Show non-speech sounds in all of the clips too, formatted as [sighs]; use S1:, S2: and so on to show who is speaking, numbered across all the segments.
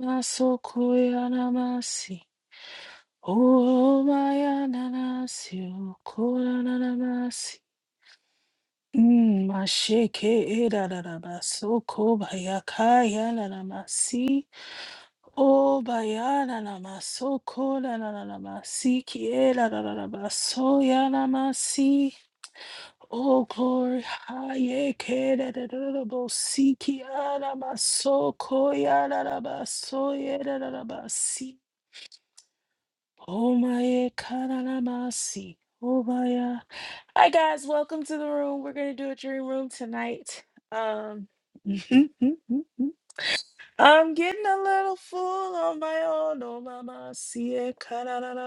S1: Masokoyanamasi. Oh, mayananasi. Koranamasi. Mm, masheke erarabasoko bayakayanamasi. Oh, bayananamasoko nananamasi kierarabasoyanamasi. Oh, glory. Hayekerarabosiki yanamasoko yararabasoyerarabasi. Omae Kanaramasi. Obaya. Hi guys, welcome to the room. We're gonna do a dream room tonight. Um [laughs] I'm getting a little full on my own. Oh mama see it, Um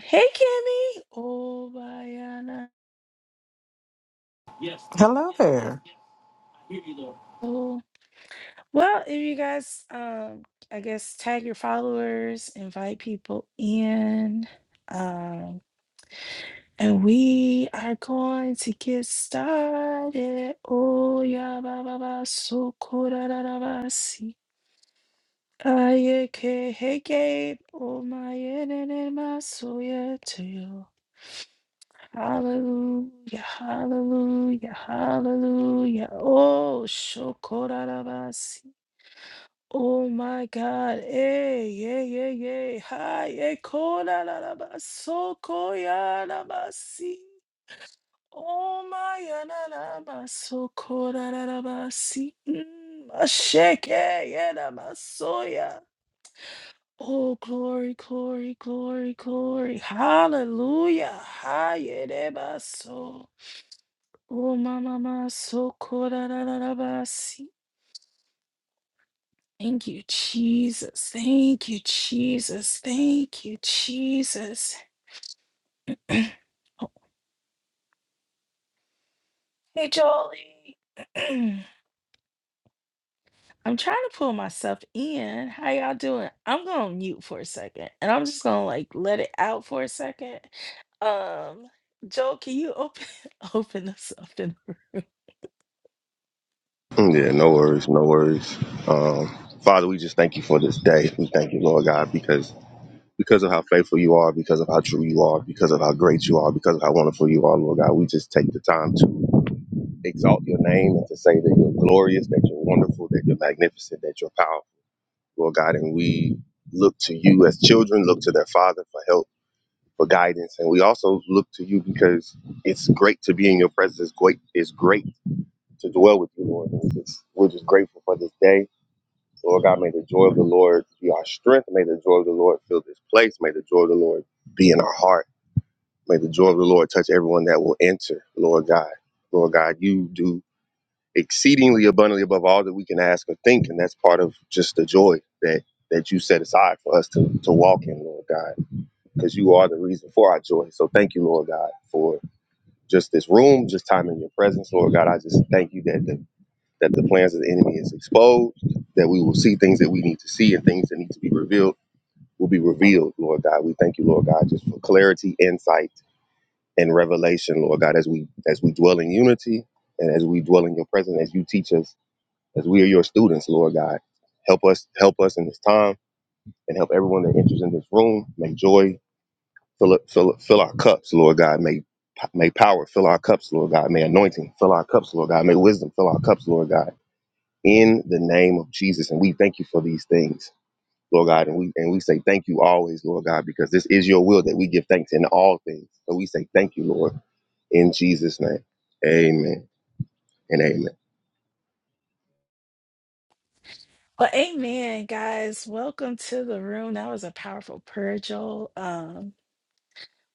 S1: hey Kimmy. Obayana.
S2: Hello there.
S1: Oh well if you guys um I guess tag your followers, invite people in. Um And we are going to get started. Oh, yeah, ba, ba, ba, so cool, da, da, da, ba, see. Aye, ke, hey, Gabe. Oh, my, yeah, na, na, my, so yeah, to you. Hallelujah, hallelujah, hallelujah. Oh, so cool, da, da, ba, see. Oh my God. Hey, yeah, yeah, yeah. Hi, hey, cool, da, da, da, ba, so cool, yeah, da, ba, see. Oh my ananabasokorarabasi. Mm, ashake, yanamasoya. Oh, glory, glory, glory, glory. Hallelujah. Hayerebaso. Oh, mama, masokorarabasi. Thank you, Jesus. Thank you, Jesus. Thank you, Jesus. Hey, Jolie. [clears throat] I'm trying to pull myself in. How y'all doing? I'm gonna mute for a second and I'm just gonna like let it out for a second. Um, Joel, can you open [laughs] open us up in the room?
S3: Yeah, no worries, no worries. Um, Father, we just thank you for this day. We thank you, Lord God, because because of how faithful you are, because of how true you are, because of how great you are, because of how wonderful you are, Lord God. We just take the time to exalt your name and to say that you're glorious, that you're wonderful, that you're magnificent, that you're powerful, Lord God. And we look to you as children, look to their Father for help, for guidance, and we also look to you because it's great to be in your presence. It's great. It's great to dwell with you, Lord. And it's, just, we're just grateful for this day Lord God, may the joy of the Lord be our strength. May the joy of the Lord fill this place. May the joy of the Lord be in our heart. May the joy of the Lord touch everyone that will enter, Lord God. Lord God, you do exceedingly abundantly above all that we can ask or think. And that's part of just the joy that that you set aside for us to, to walk in, Lord God, because you are the reason for our joy. So thank you, Lord God, for just this room, just time in your presence, Lord God. I just thank you that the that the plans of the enemy is exposed, that we will see things that we need to see and things that need to be revealed will be revealed, Lord God. We thank you, Lord God, just for clarity, insight, and revelation, Lord God, as we as we dwell in unity and as we dwell in your presence, as you teach us, as we are your students, Lord God. Help us help us in this time and help everyone that enters in this room. May joy fill up fill, fill our cups, Lord God. May May power fill our cups, Lord God. May anointing fill our cups, Lord God. May wisdom fill our cups, Lord God in the name of Jesus. And we thank you for these things, Lord God. And we and we say thank you always, Lord God, because this is your will that we give thanks in all things. So we say thank you, Lord, in Jesus' name. Amen and amen.
S1: Well, amen, guys. Welcome to the room. That was a powerful prayer, Joel. Um,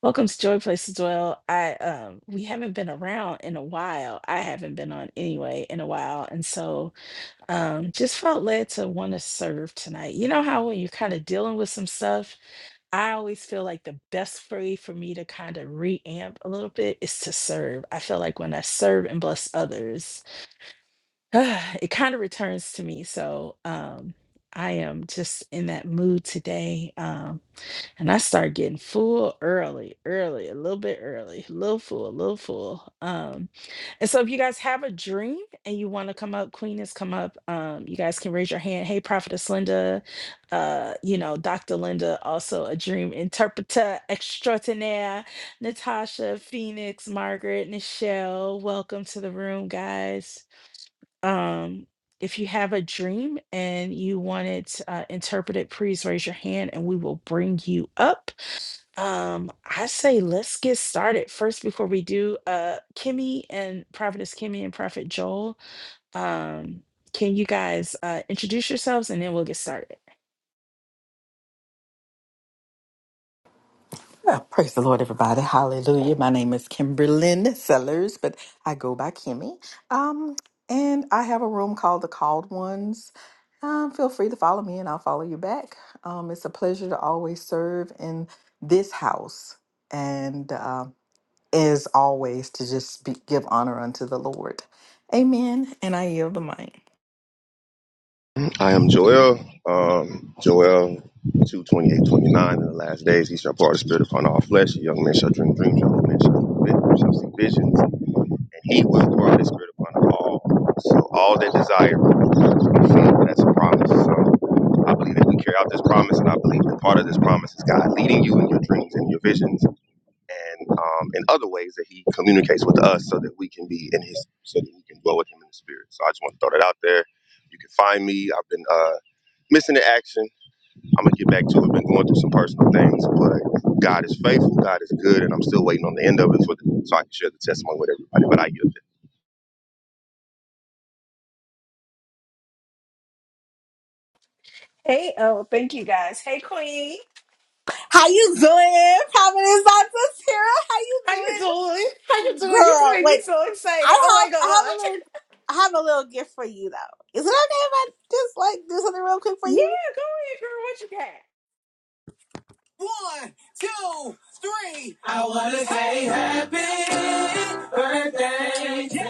S1: welcome to Joy Place as well. I um we haven't been around in a while. I haven't been on anyway in a while. And so um just felt led to want to serve tonight. You know how when you're kind of dealing with some stuff I always feel like the best way for me to kind of reamp a little bit is to serve. I feel like when I serve and bless others, [sighs] it kind of returns to me. So um, I am just in that mood today. Um, and I started getting full early, early, a little bit early, a little full, a little full. Um, and so if you guys have a dream and you want to come up, Queen has come up. Um, you guys can raise your hand. Hey, Prophetess Linda, uh, you know, Dr. Linda, also a dream interpreter extraordinaire, Natasha, Phoenix, Margaret, Nichelle. Welcome to the room, guys. Um, if you have a dream and you want it uh, interpreted, please raise your hand and we will bring you up um, I say let's get started first before we do. Uh, Kimmy and Prophetess Kimmy and Prophet Joel. Um, can you guys uh, introduce yourselves and then we'll get started.
S2: Well, praise the Lord, everybody. Hallelujah. My name is Kimberlyn Sellers, but I go by Kimmy. Um, and I have a room called The Called Ones. Um, feel free to follow me and I'll follow you back. Um, it's a pleasure to always serve in this house. And uh, as always, to just be, give honor unto the Lord. Amen. And I yield the mic.
S3: I am Joel. Um, Joel 2 twenty-eight twenty-nine. In the last days, he shall part the spirit upon all flesh. The Young men shall dream dreams. Young men shall, vi- shall see visions. And he will pour out his spirit upon all. So, all that desire, will fulfillment, that's a promise. So, I believe that we carry out this promise, and I believe that part of this promise is God leading you in your dreams and your visions and um, in other ways that he communicates with us so that we can be in his so that we can dwell with him in the spirit so i just want to throw that out there you can find me i've been uh, missing the action i'm gonna get back to it I've been going through some personal things but god is faithful god is good and i'm still waiting on the end of it for the, so i can share the testimony with everybody but i yield it
S1: Hey, oh, thank you guys. Hey, Queen.
S4: How you doing, Providence Dr. Sarah? How you
S1: How you doing?
S4: doing,
S1: [laughs] How you doing? You just
S4: girl?
S1: make me
S4: Wait,
S1: so
S4: I
S1: excited. Oh my
S4: have I have
S1: God.
S4: a little I have a little gift for you though. Is it okay if I just like do something real quick for
S1: Yeah,
S4: you?
S1: go ahead, girl. What you got?
S4: One, two, three. I wanna say happy birthday. Just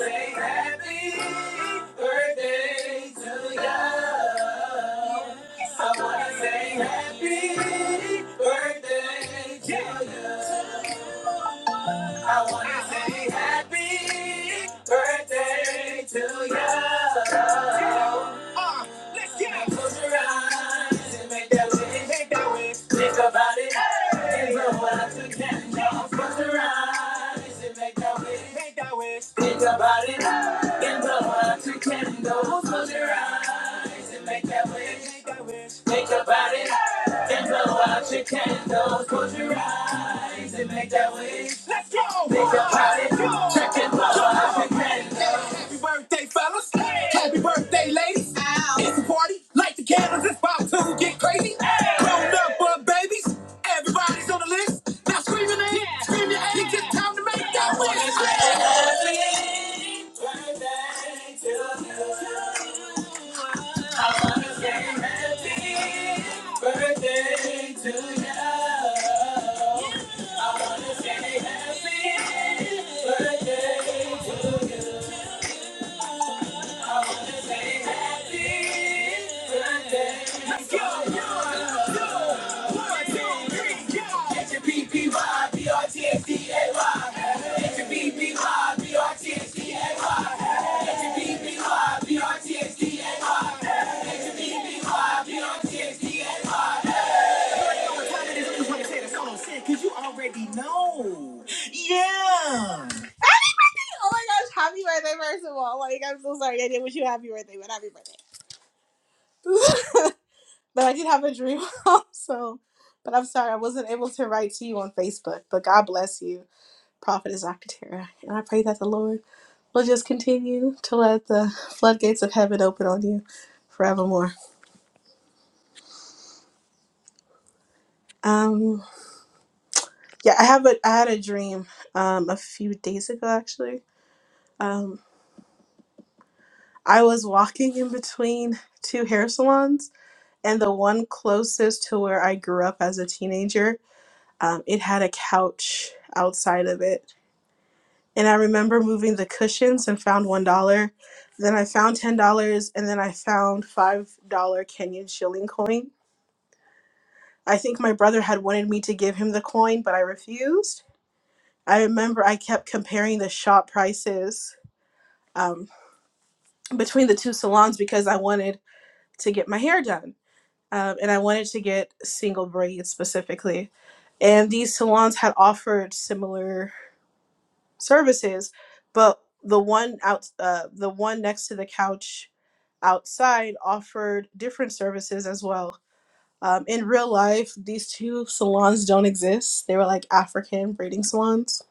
S4: Say happy birthday to you. I wanna say happy birthday to you. I wanna say happy birthday to you. Close your eyes and make that wish. Make that wish. Think about it. Hey. It's all close your eyes and make that wish. Make that wish. Think about it. Hey. It's all close your eyes and make that wish. Make that wish. Think about it. Hey. And blow out your candles. Close your eyes and make that wish. Let's go. Think about it. Check it. Blow out your candles. Happy birthday, fellas. Hey. Happy birthday, ladies. Ow. It's a party. Light the candles. It's about to get crazy. Hey. Grown up, but babies. Everybody's on the list. Now scream your name. Yeah. Scream your age. It's time to make that wish. Hey. Birthday to you. Birthday to you. Say happy birthday. H-U-B-B-Y-B-R-T-S-D-A-Y. H-U-B-B-Y-B-R-T-S-D-A-Y. What time it is? I just want to say the solo shit, cause you already know. Yeah. Oh my gosh, happy birthday, first of all. Like, I'm so sorry I didn't wish you a happy birthday, but happy birthday. [laughs] but I did have a dream [laughs] also. But I'm sorry, I wasn't able to write to you on Facebook. But God bless you, Prophetess Akatera. And I pray that the Lord will just continue to let the floodgates of heaven open on you forevermore. Um yeah, I have a I had a dream um a few days ago actually. Um. I was walking in between two hair salons, and the one closest to where I grew up as a teenager, um, it had a couch outside of it. And I remember moving the cushions and found $1. Then I found $10, and then I found $5 Kenyan shilling coin. I think my brother had wanted me to give him the coin, but I refused. I remember I kept comparing the shop prices um, between the two salons because I wanted to get my hair done. um, and I wanted to get single braids specifically. And these salons had offered similar services, but the one out, uh, the one next to the couch outside offered different services as well. Um, in real life, these two salons don't exist. They were like African braiding salons.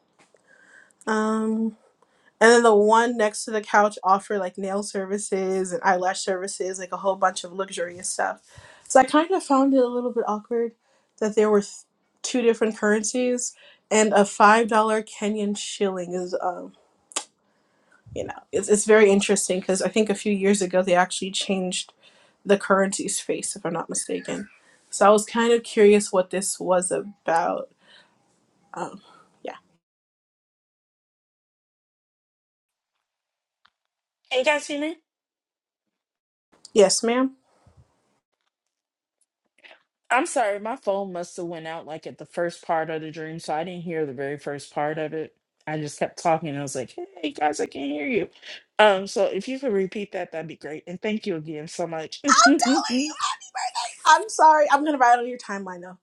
S4: Um, and then the one next to the couch offered like nail services and eyelash services, like a whole bunch of luxurious stuff. So I kind of found it a little bit awkward that there were th- two different currencies and a $5 Kenyan shilling is, um, you know, it's, it's very interesting because I think a few years ago they actually changed the currency's face, if I'm not mistaken. So I was kind of curious what this was about. Um, yeah.
S1: Can you guys hear me?
S4: Yes, ma'am?
S1: I'm sorry, my phone must have went out like at the first part of the dream, so I didn't hear the very first part of it. I just kept talking. I was like, "Hey guys, I can't hear you." Um, so if you could repeat that, that'd be great. And thank you again so much. [laughs] okay,
S4: I'm sorry. I'm gonna write on your timeline though.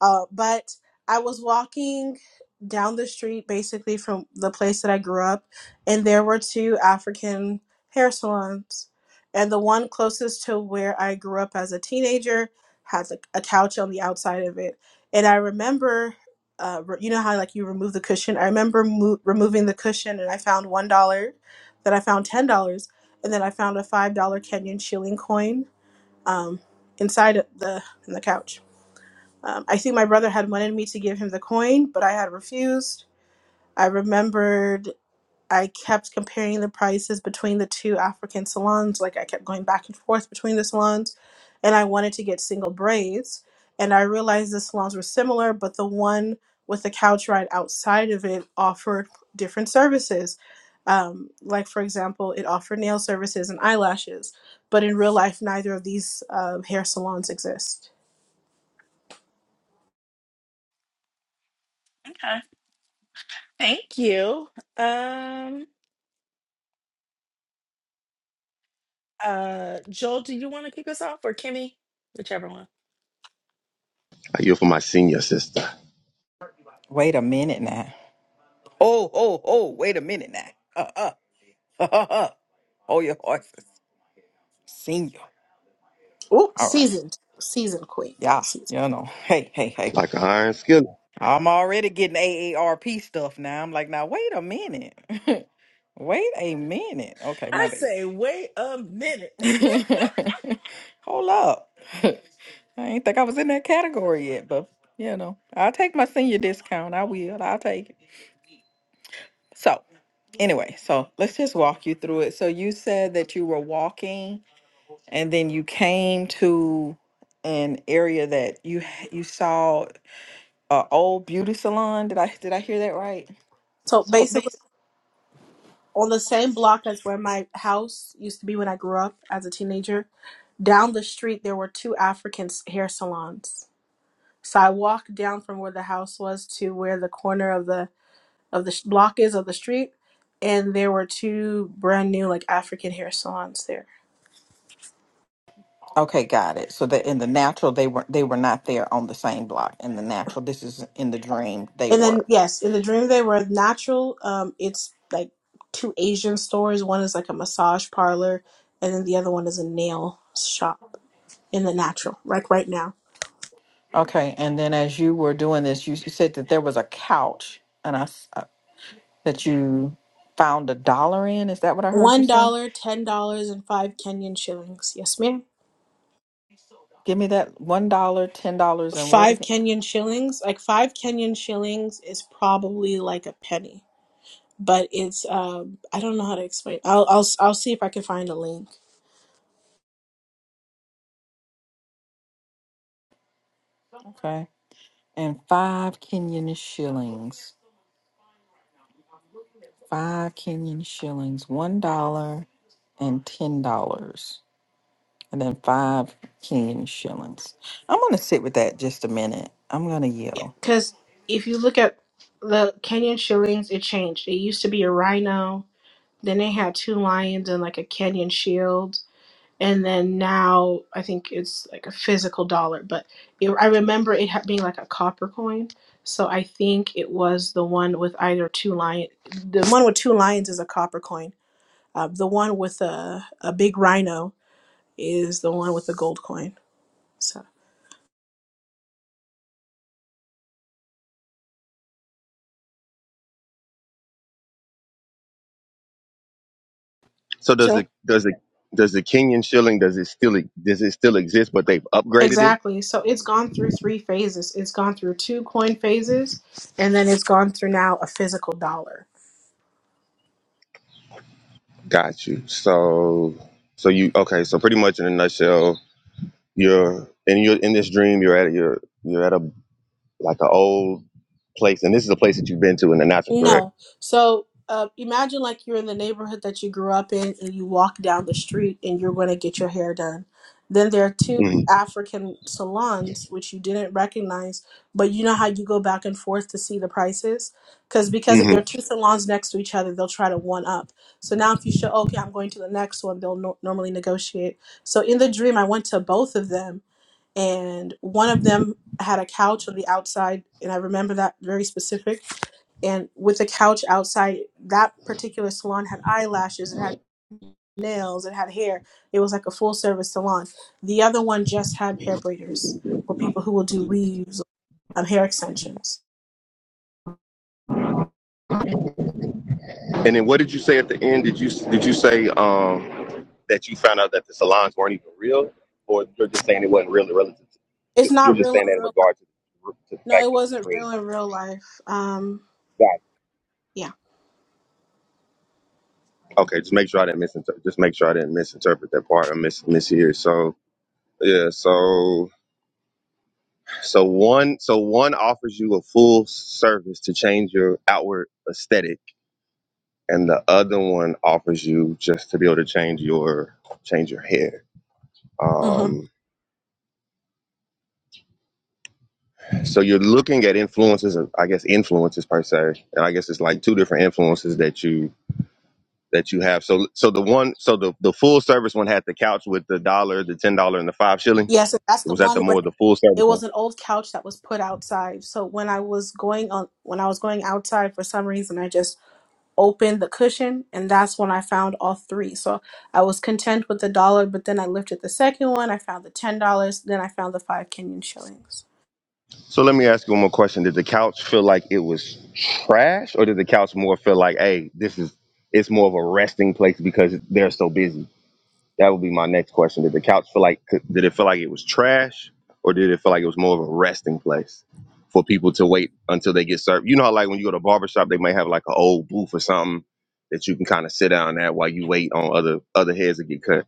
S4: Uh, but I was walking down the street, basically from the place that I grew up, and there were two African hair salons, and the one closest to where I grew up as a teenager has a, a couch on the outside of it, and I remember. Uh, re- you know how like you remove the cushion. I remember mo- removing the cushion, and I found one dollar. Then I found ten dollars, and then I found a five dollar Kenyan shilling coin um, inside of the in the couch. Um, I think my brother had wanted me to give him the coin, but I had refused. I remembered I kept comparing the prices between the two African salons. Like I kept going back and forth between the salons, and I wanted to get single braids. And I realized the salons were similar, but the one with the couch ride outside of it offered different services. Um, like for example, it offered nail services and eyelashes, but in real life, neither of these um, hair salons exist.
S1: thank you. Um, uh, Joel, do you want to kick us off or Kimmy, whichever one?
S3: i yield for my senior sister
S2: Wait a minute now. Oh, oh, oh, wait a minute now. Uh, uh, [laughs] uh, uh, uh. Hold your horses. Senior.
S4: Oh,
S2: All right.
S4: seasoned, seasoned queen,
S2: Yeah,
S4: seasoned.
S2: you know. [laughs] Hey, hey, hey.
S3: like an iron skillet
S2: I'm already getting AARP stuff now. I'm like, now wait a minute. [laughs] wait a minute. Okay, my
S1: I
S2: bad.
S1: say, wait a minute.
S2: [laughs] Hold up. [laughs] I ain't think I was in that category yet, but you know, I'll take my senior discount. I will. I'll take it. So anyway, so let's just walk you through it. So you said that you were walking and then you came to an area that you h- you saw a old beauty salon. Did I did I hear that right?
S4: So
S2: So
S4: basically.
S2: basically,
S4: on the same block as where my house used to be when I grew up as a teenager, down the street there were two African s- hair salons. So I walked down from where the house was to where the corner of the of the sh- block is of the street, and there were two brand new like African hair salons there.
S2: Okay, got it. So that in the natural they were they were not there on the same block. In the natural, this is in the dream they
S4: And then
S2: were.
S4: yes, in the dream they were natural. Um, it's like two Asian stores. One is like a massage parlor, and then the other one is a nail shop in the natural, like right now.
S2: Okay, and then as you were doing this, you, you said that there was a couch, and I s- uh, that you found a dollar in. Is that what I heard you
S4: One
S2: say?
S4: dollar, ten dollars, and five Kenyan shillings. Yes, ma'am.
S2: Give me that one dollar, ten dollars, and what
S4: Five
S2: again?
S4: Kenyan shillings. Like five Kenyan shillings is probably like a penny, but it's um I don't know how to explain. I'll I'll I'll see if I can find a link.
S2: Okay, and five Kenyan shillings. Five Kenyan shillings. One dollar and ten dollars. and then five Kenyan shillings. I'm gonna sit with that just a minute. I'm gonna
S4: Yeah,
S2: yell.
S4: because if you look at the Kenyan shillings, it changed. It used to be a rhino. Then they had two lions and like a Kenyan shield. and then now I think it's like a physical dollar, but it, I remember it ha- being like a copper coin. So I think it was the one with either two lion. The one with two lions is a copper coin. Uh, the one with a a big rhino is the one with the gold coin. So
S3: so does the
S1: Joel.
S3: does the does the kenyan shilling does it still does it still exist but they've upgraded it
S4: exactly. So it's gone through three phases. It's gone through two coin phases, and then it's gone through now a physical dollar.
S3: Got you. So, so you okay? So pretty much in a nutshell, you're in your in this dream. You're at your you're at a like an old place, and this is a place that you've been to in the natural, correct?
S4: No. So uh, imagine like you're in the neighborhood that you grew up in and you walk down the street and you're going to get your hair done. Then there are two
S3: hmm
S4: African salons which you didn't recognize, but you know how you go back and forth to see the prices? Cause because if
S3: hmm
S4: there are two salons next to each other, they'll try to one up. So now if you show, okay, I'm going to the next one, they'll no- normally negotiate. So in the dream, I went to both of them and one of them had a couch on the outside and I remember that very specific and with the couch outside that particular salon had eyelashes it had nails it had hair it was like a full service salon the other one just had hair braiders for people who will do weaves um, hair extensions
S3: And then what did you say at the end? Did you did you say um that you found out that the salons weren't even real, or you're just saying it wasn't real and relative? To,
S4: it's
S3: you're
S4: not
S3: just
S4: real
S3: saying
S4: in
S3: that in
S4: real life
S3: regard to to the
S4: no it
S3: fact that the
S4: wasn't
S3: dream.
S4: real in real life um
S3: Got it.
S4: yeah
S3: Okay, just make sure I didn't misinterpret. Just make sure I didn't misinterpret that part or mis mishear. So yeah, so. So one so one offers you a full service to change your outward aesthetic and the other one offers you just to be able to change your change your hair.
S4: hmm
S3: Um so you're looking at influences of- I guess influences per se. And I guess it's like two different influences that you that you have. So so the one so the, the full service one had the couch with the dollar, the ten dollar and the five shillings.
S4: yes that's the
S3: Was that
S4: one
S3: the
S4: where
S3: more the full
S4: it
S3: service one?
S4: was an old couch that was put outside so when i was going on when i was going outside for some reason i just opened the cushion and that's when I found all three. So I was content with the dollar, but then I lifted the second one, I found the ten dollars, then I found the five Kenyan shillings.
S3: So let me ask you one more question. Did the couch feel like it was trash, or did the couch more feel like, hey, this is it's more of a resting place because they're so busy? That would be my next question. Did the couch feel like did it feel like it was trash, or did it feel like it was more of a resting place for people to wait until they get served? You know how like when you go to a barber shop, they might have like an old booth or something that you can kind of sit down at while you wait on other other heads to get cut.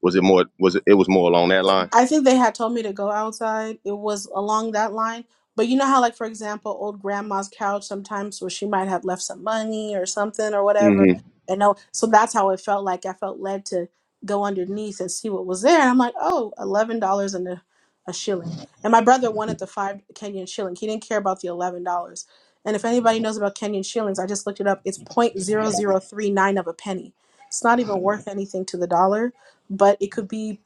S3: Was it more was it, it was more along that line?
S4: I think they had told me to go outside. It was along that line. But you know how, like, for example, old grandma's couch sometimes where she might have left some money or something or whatever. And no, so that's how it felt like. I felt led to go underneath and see what was there. And I'm like, oh, $11 and a, a shilling. And my brother wanted the five Kenyan shilling. He didn't care about the $11. And if anybody knows about Kenyan shillings, I just looked it up. It's point zero zero three nine of a penny. It's not even worth anything to the dollar but it could be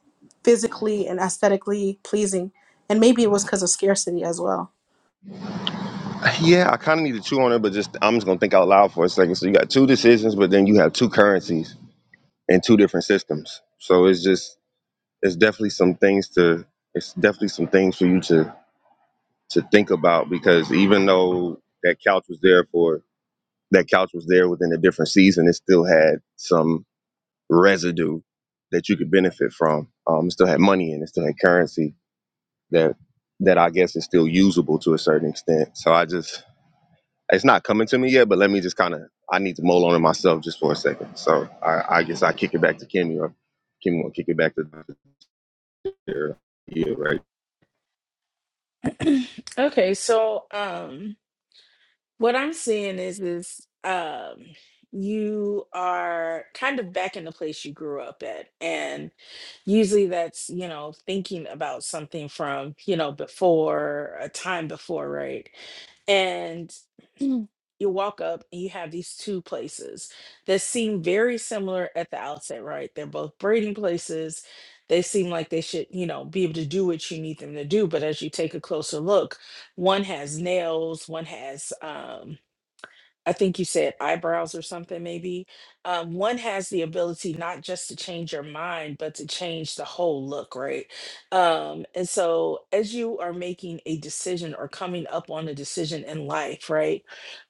S4: physically and aesthetically pleasing. And maybe it was because of scarcity as well.
S3: Yeah, I kind of need to chew on it, but just I'm just gonna think out loud for a second. So you got two decisions, but then you have two currencies and two different systems. So it's just it's definitely some things to it's definitely some things for you to to think about because even though that couch was there for that couch was there within a different season, it still had some residue that you could benefit from. Um, it still had money and it still had currency that that I guess is still usable to a certain extent. So I just It's not coming to me yet, but let me just kind of I need to mull on it myself just for a second. So I, I guess I kick it back to Kimmy or Kimmy will kick it back to Dr. Yeah, right.
S1: [clears throat] okay, so um. What I'm seeing is is um you are kind of back in the place you grew up at and usually that's you know thinking about something from you know before a time before right and [clears throat] you walk up and you have these two places that seem very similar at the outset, right? They're both breeding places. They seem like they should, you know, be able to do what you need them to do. But as you take a closer look, one has nails, one has um I think you said eyebrows or something maybe. Um, one has the ability not just to change your mind, but to change the whole look, right? Um, and so as you are making a decision or coming up on a decision in life, right?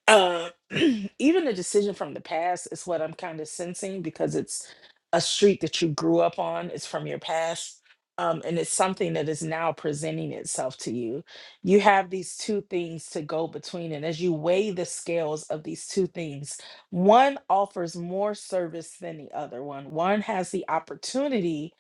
S1: uh, [clears throat] even a decision from the past is what I'm kind of sensing because it's a street that you grew up on. It's from your past, um, and it's something that is now presenting itself to you you have these two things to go between. And as you weigh the scales of these two things, one offers more service than the other one. One has the opportunity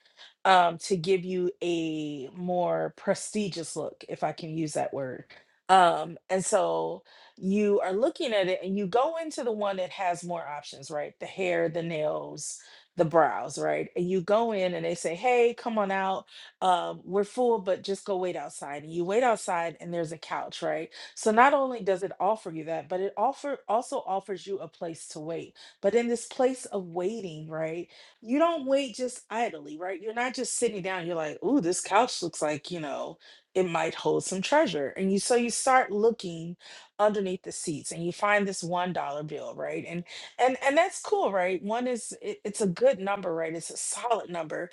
S1: um, to give you a more prestigious look, if I can use that word. Um, and so you are looking at it and you go into the one that has more options, right? The hair, the nails, the brows, right? And you go in and they say, hey, come on out um, we're full, but just go wait outside. And you wait outside, and there's a couch, right? So not only does it offer you that, but it offer also offers you a place to wait. But in this place of waiting, right, you don't wait just idly, right? You're not just sitting down. You're like, ooh, this couch looks like you know it might hold some treasure, and you so you start looking underneath the seats, and you find this one dollar bill, right? And and and that's cool, right? One is it, it's a good number, right? It's a solid number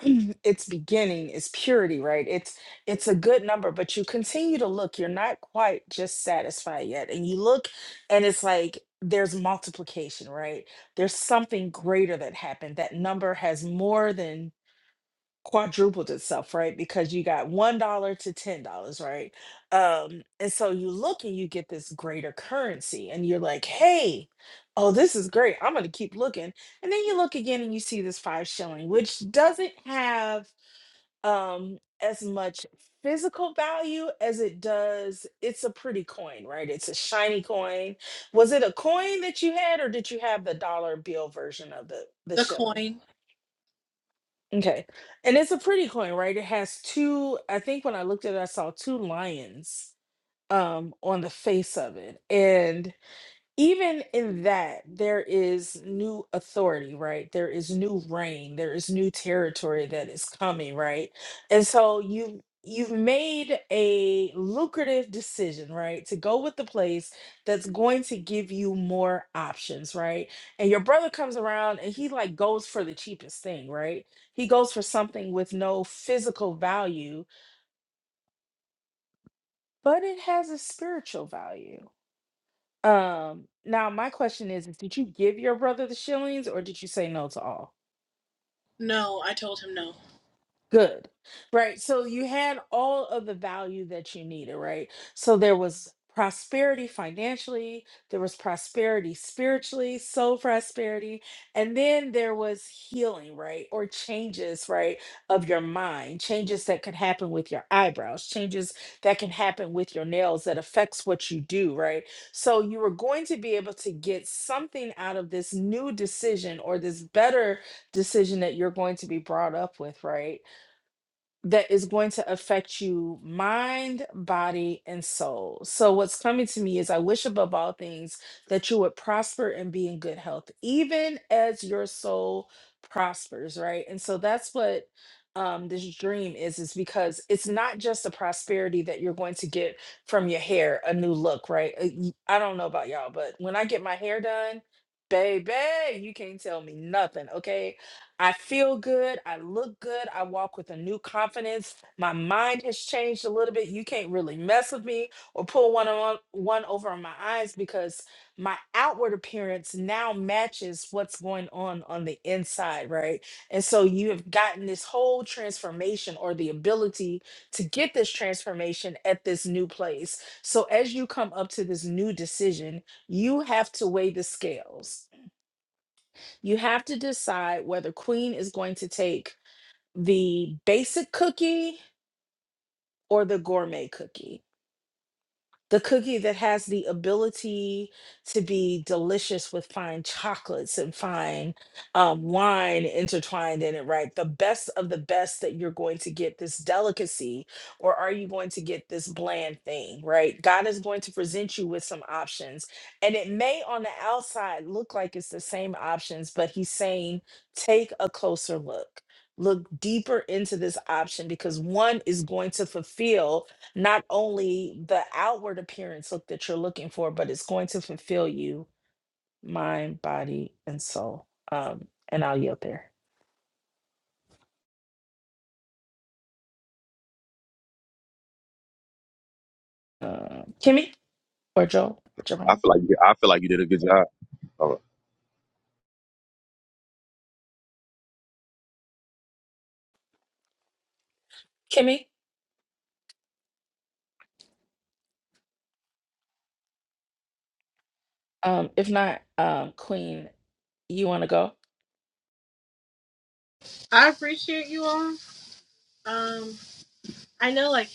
S1: [clears throat] its beginning is purity right it's it's a good number but you continue to look you're not quite just satisfied yet and you look and it's like there's multiplication right there's something greater that happened that number has more than quadrupled itself, right? Because you got one dollar to ten dollars, right? Um, and so you look and you get this greater currency, and you're like, hey, oh, this is great. I'm gonna keep looking. And then you look again and you see this five shilling, which doesn't have um as much physical value as it does it's a pretty coin right it's a shiny coin was it a coin that you had or did you have the dollar bill version of the the
S4: the
S1: shilling
S4: coin.
S1: Okay. And it's a pretty coin, right? It has two, I think when I looked at it, I saw two lions um on the face of it. And even in that there is new authority right there is new reign there is new territory that is coming right and so you you've made a lucrative decision right to go with the place that's going to give you more options right and your brother comes around and he like goes for the cheapest thing right he goes for something with no physical value but it has a spiritual value Um, now my question is, is did you give your brother the shillings or did you say no to all? Good. Right. So you had all of the value that you needed, right? So there was prosperity financially, there was prosperity spiritually, soul prosperity, and then there was healing, right? Or changes, right? Of your mind, changes that could happen with your eyebrows, changes that can happen with your nails that affects what you do, right? So you were going to be able to get something out of this new decision or this better decision that you're going to be brought up with, right? that is going to affect you mind, body, and soul. So, what's coming to me is I wish above all things that you would prosper and be in good health, even as your soul prospers, right? And so that's what um this dream is is because it's not just the prosperity that you're going to get from your hair a new look right Uh, y- i don't know about y'all but when i get my hair done baby you can't tell me nothing okay I feel good. I look good. I walk with a new confidence. My mind has changed a little bit. You can't really mess with me or pull one on one over on my eyes because my outward appearance now matches what's going on on the inside, right? And so you have gotten this whole transformation or the ability to get this transformation at this new place. So as you come up to this new decision, you have to weigh the scales you have to decide whether Queen is going to take the basic cookie or the gourmet cookie the cookie that has the ability to be delicious with fine chocolates and fine um, wine intertwined in it, right? The best of the best that you're going to get this delicacy, or are you going to get this bland thing, right? God is going to present you with some options, and it may on the outside look like it's the same options, but He's saying, take a closer look. Look deeper into this option because one is going to fulfill not only the outward appearance look that you're looking for, but it's going to fulfill you mind, body, and soul. Um, and I'll yield there. Uh, Kimmy or Joel, whichever
S3: I
S1: one.
S3: feel like you I feel like you did a good job. Uh,
S1: Kimmy. Um, if not, um, Queen, you want to go?
S4: I appreciate you all. Um, I know like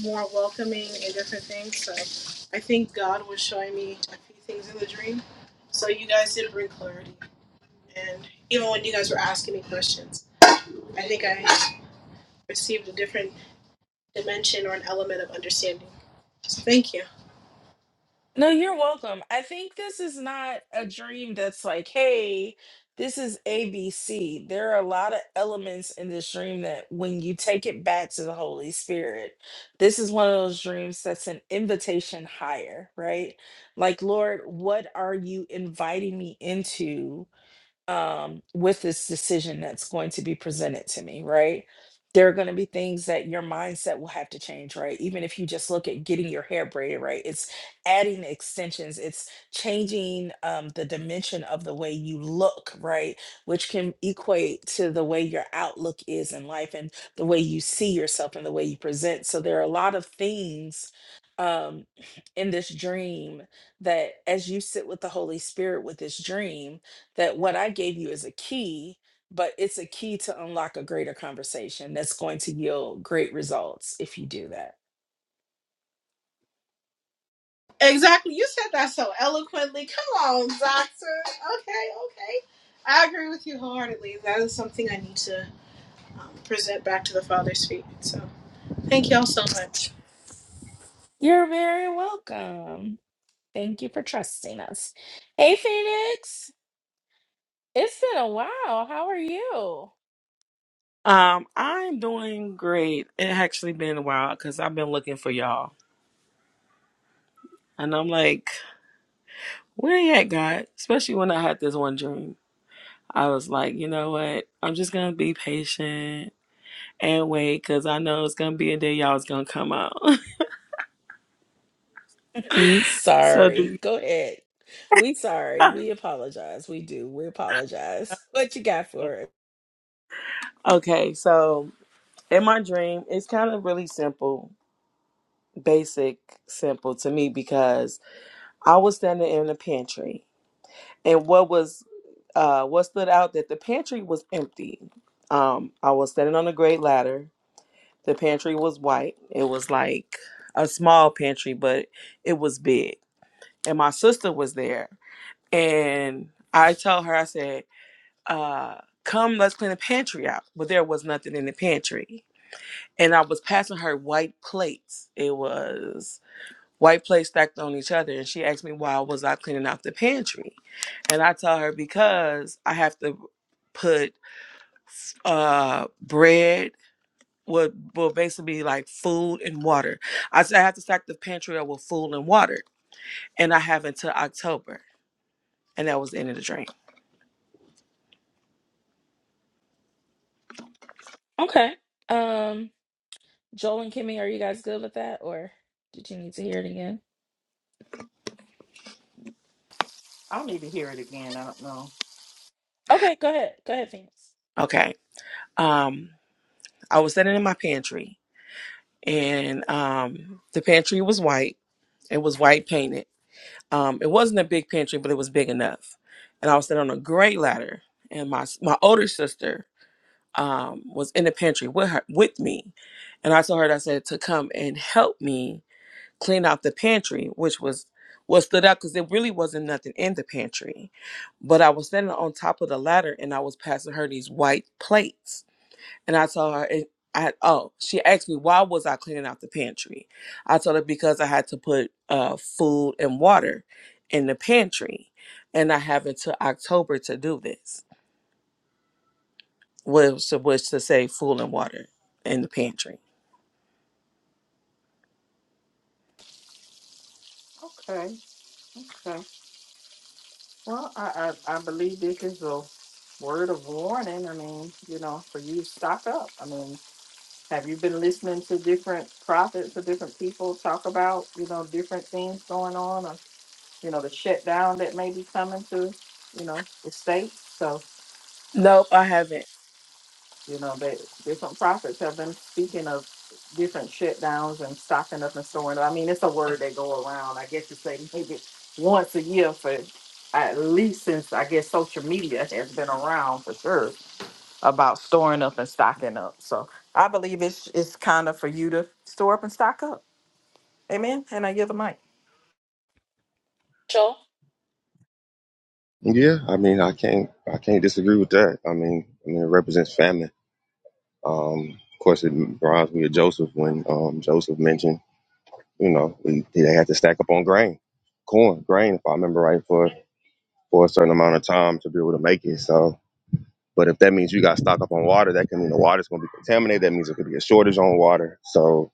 S4: more welcoming. you guys did not bring clothes or different dimension. Just can't-
S1: No, you're welcome. I think this is not a dream that's like, hey, this is ABC. There are a lot of elements in this dream that when you take it back to the Holy Spirit, this is one of those dreams that's an invitation higher, right? Like, Lord, what are you inviting me into? um, with this decision that's going to be presented to me, right? There are going to be things that your mindset will have to change, right? Even if you just look at getting your hair braided, right? It's adding extensions, it's changing um, the dimension of the way you look, right? Which can equate to the way your outlook is in life and the way you see yourself and the way you present. So there are a lot of things um, [clears throat] in this dream that as you sit with the Holy Spirit with this dream, that what I gave you is a key, but it's a key to unlock a greater conversation that's going to yield great results if you do that.
S4: Exactly, you said that so. kindly. Come on, Zante. I agree with you wholeheartedly. That is something I need to um, present back to the Father's feet. So thank y'all so much.
S1: You're very welcome. Thank you for trusting us. Hey, Phoenix, it's been a while. How are you?
S5: Um, I'm doing great. It actually been a while because I've been looking for y'all, and I'm like, where you at, God? Especially when I had this one dream. I was like, you know what? I'm just gonna be patient and wait because I know it's gonna be a day y'all is gonna come out.
S1: Mm,
S5: [laughs] so do.
S1: sorry. Go ahead. We sorry.
S5: [laughs]
S1: We apologize. We do. We apologize. [laughs] What you got for it?
S5: okay, so in my dream, it's kind of really simple, basic, simple to me because I was standing in the pantry and what was uh what stood out that the pantry was empty um i was standing on a great ladder the pantry was white it was like a small pantry but it was big and my sister was there and i told her i said uh come let's clean the pantry out but there was nothing in the pantry and i was passing her white plates it was white plates stacked on each other and she asked me why was i cleaning out the pantry and i tell her because i have to put uh bread would will basically be like food and water i said i have to stack the pantry up with food and water and i have until october and that was the end of the dream
S1: Okay. Um, Joel and Kimmy, are you guys good with that, or did you need to hear it again?
S2: I'll need to hear it again. I don't know.
S1: Okay, go ahead. Go ahead, Phoenix.
S5: okay um i was sitting in my pantry and um the pantry was white it was white painted Um, it wasn't a big pantry, but it was big enough. And I was sitting on a great ladder, and my my older sister um, was in the pantry with her with me, and I told her I said to come and help me clean out the pantry, which was what stood out because there really wasn't nothing in the pantry. But I was standing on top of the ladder, and I was passing her these white plates and I told her, and I oh, she asked me why was I cleaning out the pantry. I told her because I had to put uh, food and water in the pantry, and I have until October to do this. Was to, which to say food and water in the pantry.
S2: Okay. Okay. Well, I I, I believe this is a word of warning. I mean, you know, for you to stock up. I mean, have you been listening to different prophets or different people talk about, you know, different things going on or, you know, the shutdown that may be coming to, you know, the states?
S5: Nope, I haven't.
S2: You know, that different prophets have been speaking of different shutdowns and stocking up and storing up. I mean, it's a word they go around. I guess you say maybe once a year for at least since I guess social media has been around for sure about storing up and stocking up. So I believe it's it's kind of for you to store up and stock up. Amen. And I give the mic.
S1: Rachel?
S3: yeah, I mean I can't I can't disagree with that. I mean I mean it represents family. Um of course it reminds me of Joseph when um Joseph mentioned, you know, we, they had to stack up on grain, corn, grain if I remember right for for a certain amount of time to be able to make it. So But if that means you got to stock up on water, that can mean the water's going to be contaminated. That means it could be a shortage on water. So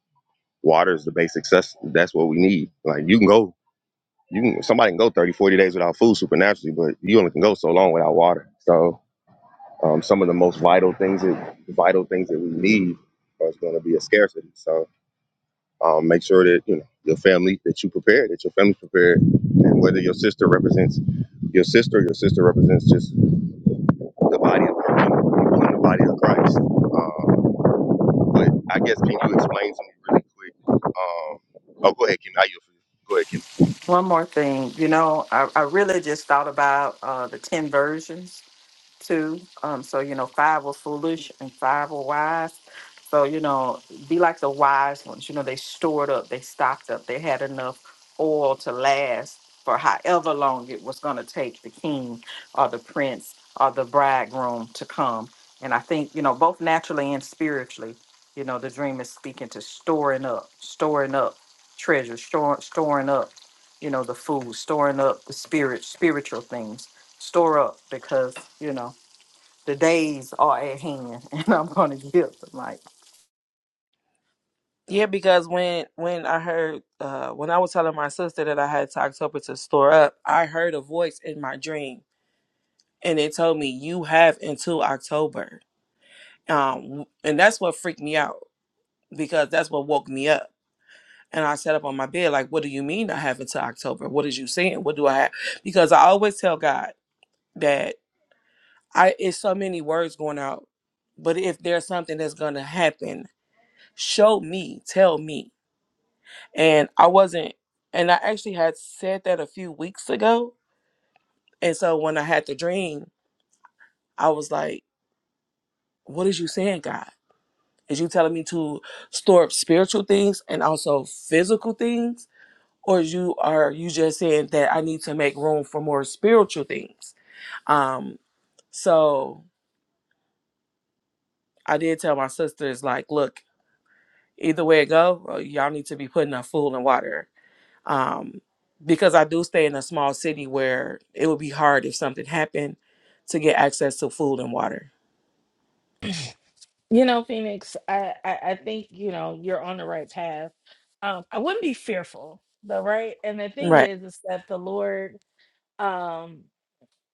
S3: water is the basic success. That's what we need. Like you can go, you can, somebody can go 30, 40 days without food supernaturally, but you only can go so long without water. So um, some of the most vital things that vital things that we need are going to be a scarcity. So um, make sure that you know your family that you prepared, that your family's prepared, and whether your sister represents your sister, your sister represents just the body of the body of Christ. Um, But I guess can you explain to me really quick? Um, oh, go ahead, Kim. I yield for you. Go ahead, Kim.
S2: One more thing, you know, I, I really just thought about uh, the ten versions too. Um, so you know, five were foolish and five were wise. So you know, be like the wise ones. You know, they stored up, they stocked up, they had enough oil to last for however long it was going to take the king or the prince or the bridegroom to come. And I think you know, both naturally and spiritually, you know, the dream is speaking to storing up, storing up treasure, store, storing up, you know, the food, storing up the spirit, spiritual things store up because you know the days are at hand [laughs] and i'm gonna give them like
S5: Yeah, because when when I heard uh, when I was telling my sister that I had to October to store up, I heard a voice in my dream, and it told me you have until October. um and that's what freaked me out because that's what woke me up and i sat up on my bed like what do you mean i have until october what is you saying what do i have because i always tell god that i it's so many words going out but if there's something that's gonna happen show me tell me and i wasn't and i actually had said that a few weeks ago and so when i had the dream i was like what is you saying god is you telling me to store up spiritual things and also physical things or you are you just saying that I need to make room for more spiritual things? Um, so I did tell my sisters like, look, either way it go, uh, y'all need to be putting up food and water. Um, because I do stay in a small city where it would be hard if something happened to get access to food and water.
S1: You know, Phoenix, I, I, I think, you know, you're on the right path. Um, I wouldn't be fearful though, right? And the thing
S5: Right.
S1: is, is that the Lord, um,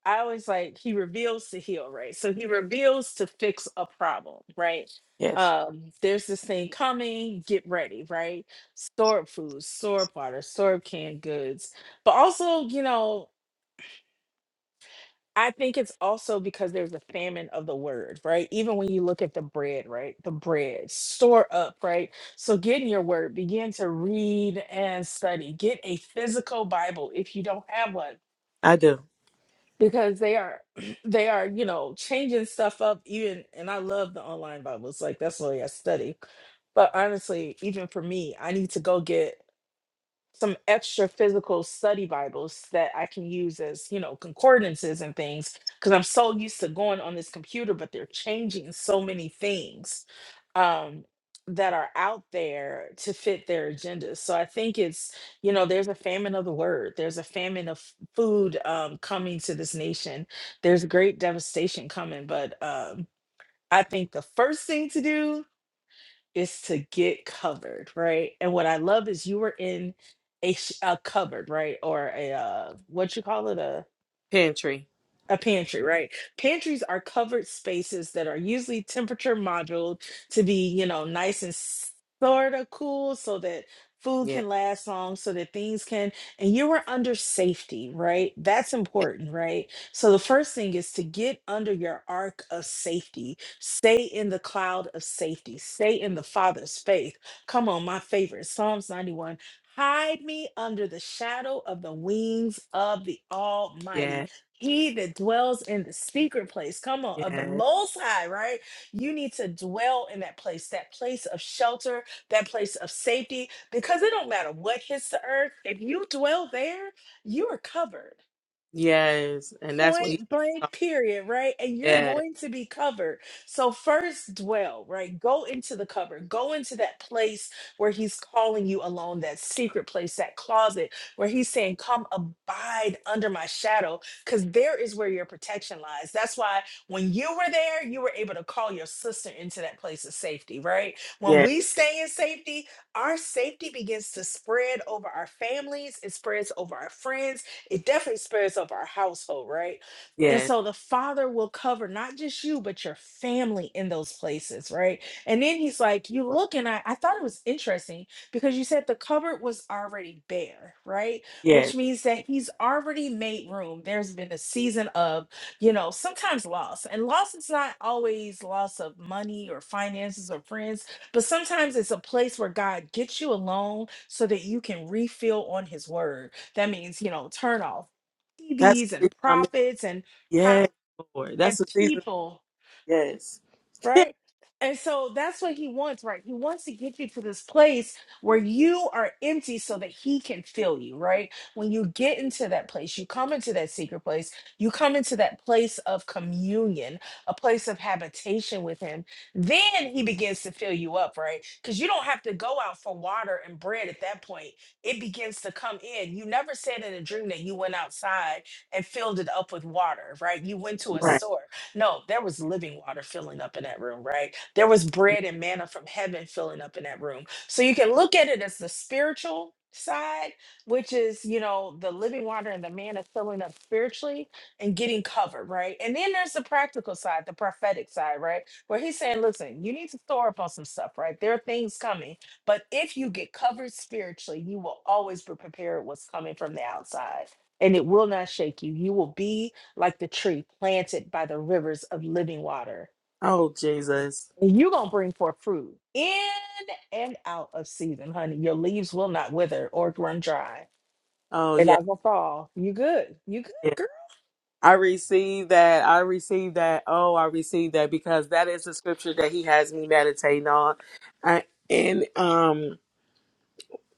S1: I always like he reveals to heal, right? So he reveals to fix a problem, right?
S5: Yes,
S1: Um, there's this thing coming, get ready, right? Store up food, store up water, store up canned goods. But also, you know, I think it's also because there's a famine of the word, right? Even when you look at the bread, right? The bread, store up, right? So get in your word, begin to read and study. Get a physical Bible if you don't have one
S5: I do.
S1: because they are [clears throat] they are, you know, changing stuff up even and I love the online Bibles. Like that's what I study. But honestly, even for me, I need to go get some extra physical study Bibles that I can use as, you know, concordances and things because I'm so used to going on this computer, but they're changing so many things um, that are out there to fit their agendas. So I think it's, you know, there's a famine of the word, there's a famine of f- food um, coming to this nation, there's great devastation coming, but um, I think the first thing to do is to get covered, right? And what I love is you were in a, sh- a cupboard, right? Or a, uh, what you call it? a
S5: Pantry.
S1: a pantry, right? Pantries are covered spaces that are usually temperature modeled to be, you know, nice and sort of cool so that food
S5: Yeah.
S1: can last long, so that things can, and you are under safety, right? That's
S5: Yeah.
S1: important, right? So the first thing is to get under your arc of safety, stay in the cloud of safety, stay in the Father's faith. Come on, my favorite, Psalms 91. Hide me under the shadow of the wings of the Almighty.
S5: Yeah.
S1: He that dwells in the secret place, come on, of the
S5: Yes.
S1: Most High, right? You need to dwell in that place, that place of shelter, that place of safety, because it don't matter what hits the earth. If you dwell there, you are covered
S5: Yes. And that's what he.
S1: point blank period right and you're
S5: Yeah.
S1: going to be covered so first dwell right go into the cover go into that place where he's calling you alone that secret place that closet where he's saying come abide under my shadow because there is where your protection lies that's why when you were there you were able to call your sister into that place of safety right when
S5: Yeah.
S1: we stay in safety our safety begins to spread over our families it spreads over our friends it definitely spirits up our household, right? And
S5: Yeah.
S1: so the father will cover not just you, but your family in those places, right? And then he's like, You look, and I, I thought it was interesting because you said the cupboard was already bare, right?
S5: Yeah.
S1: Which means that he's already made room. There's been a season of, you know, sometimes loss. And loss is not always loss of money or finances or friends but sometimes it's a place where God gets you alone so that you can refill on his word. That means, you know, turn off
S5: That's.
S1: TVs and prophets and huh?
S5: Yes, Lord.
S1: And
S5: That's the season.
S1: people
S5: Yes. [laughs]
S1: right? And so that's what he wants, right? He wants to get you to this place where you are empty so that he can fill you, right? When you get into that place, you come into that secret place, you come into that place of communion, a place of habitation with him, then he begins to fill you up, right? Because you don't have to go out for water and bread at that point. It begins to come in. You never said in a dream that you went outside and filled it up with water, right? You went to a
S5: Right.
S1: source no, there was living water filling up in that room, right? There was bread and manna from heaven filling up in that room. So you can look at it as the spiritual side, which is, you know, the living water and the manna filling up spiritually and getting covered, right? And then there's the practical side, the prophetic side, right? Where he's saying, listen, you need to store up on some stuff, right? There are things coming, but if you get covered spiritually, you will always be prepared what's coming from the outside and it will not shake you. You will be like the tree planted by the rivers of living water.
S5: Oh, Jesus.
S1: And you're going to bring forth fruit in and out of season, honey. Your leaves will not wither or run dry.
S5: Oh,
S1: They're
S5: yeah.
S1: not going to fall. You good. You good,
S5: yeah.
S1: girl.
S5: I receive that. I receive that. Oh, I receive that because that is the scripture that he has me meditating on. I, and um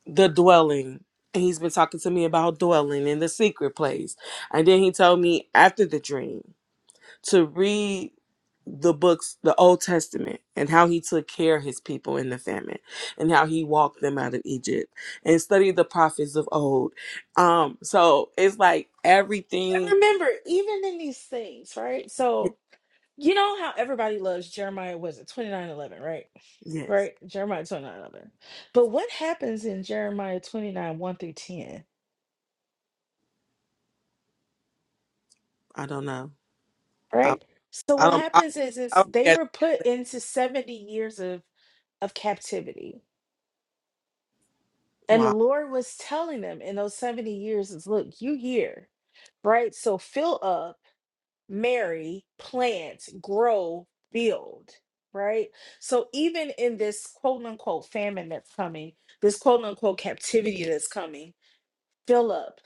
S5: the dwelling. He's been talking to me about dwelling in the secret place. And then he told me after the dream. to read the books, the Old Testament, and how he took care of his people in the famine and how he walked them out of Egypt and study the prophets of old. Um, so it's like
S1: And
S5: everything.
S1: remember, even in these things, right?
S5: y-
S1: So, you know how everybody loves Jeremiah, was it 2911, right?
S5: Yes,
S1: Right? Jeremiah 2911. But what happens in Jeremiah 29, 1 through 10?
S5: I don't know. I,
S1: right? So
S5: I
S1: what
S5: don't, I,
S1: happens is
S5: I
S1: is
S5: don't
S1: they
S5: get
S1: were put into 70 years of of captivity. And the
S5: wow.
S1: Lord was telling them in those 70 years is look, you here, right? So fill up, marry, plant, grow, build, right? So even in this quote unquote famine that's coming, this quote unquote captivity that's coming, fill up,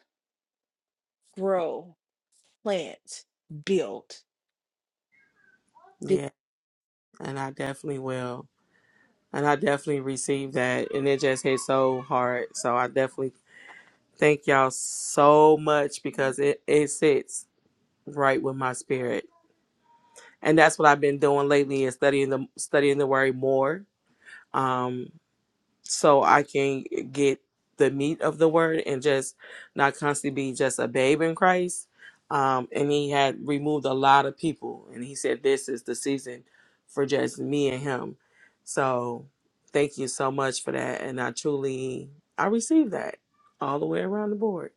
S1: grow, plant, build.
S5: Yeah, and I definitely will. And I definitely received that. And it just hit so hard. So I definitely thank y'all so much because it, it sits right with my spirit and that's what I've been doing lately is studying the studying the word more, um, so I can get the meat of the word and just not constantly be just a babe in Christ. Um, and he had removed a lot of people, and he said this is the season for just me and him. So thank you so much for that, and I truly I received that all the way around the board.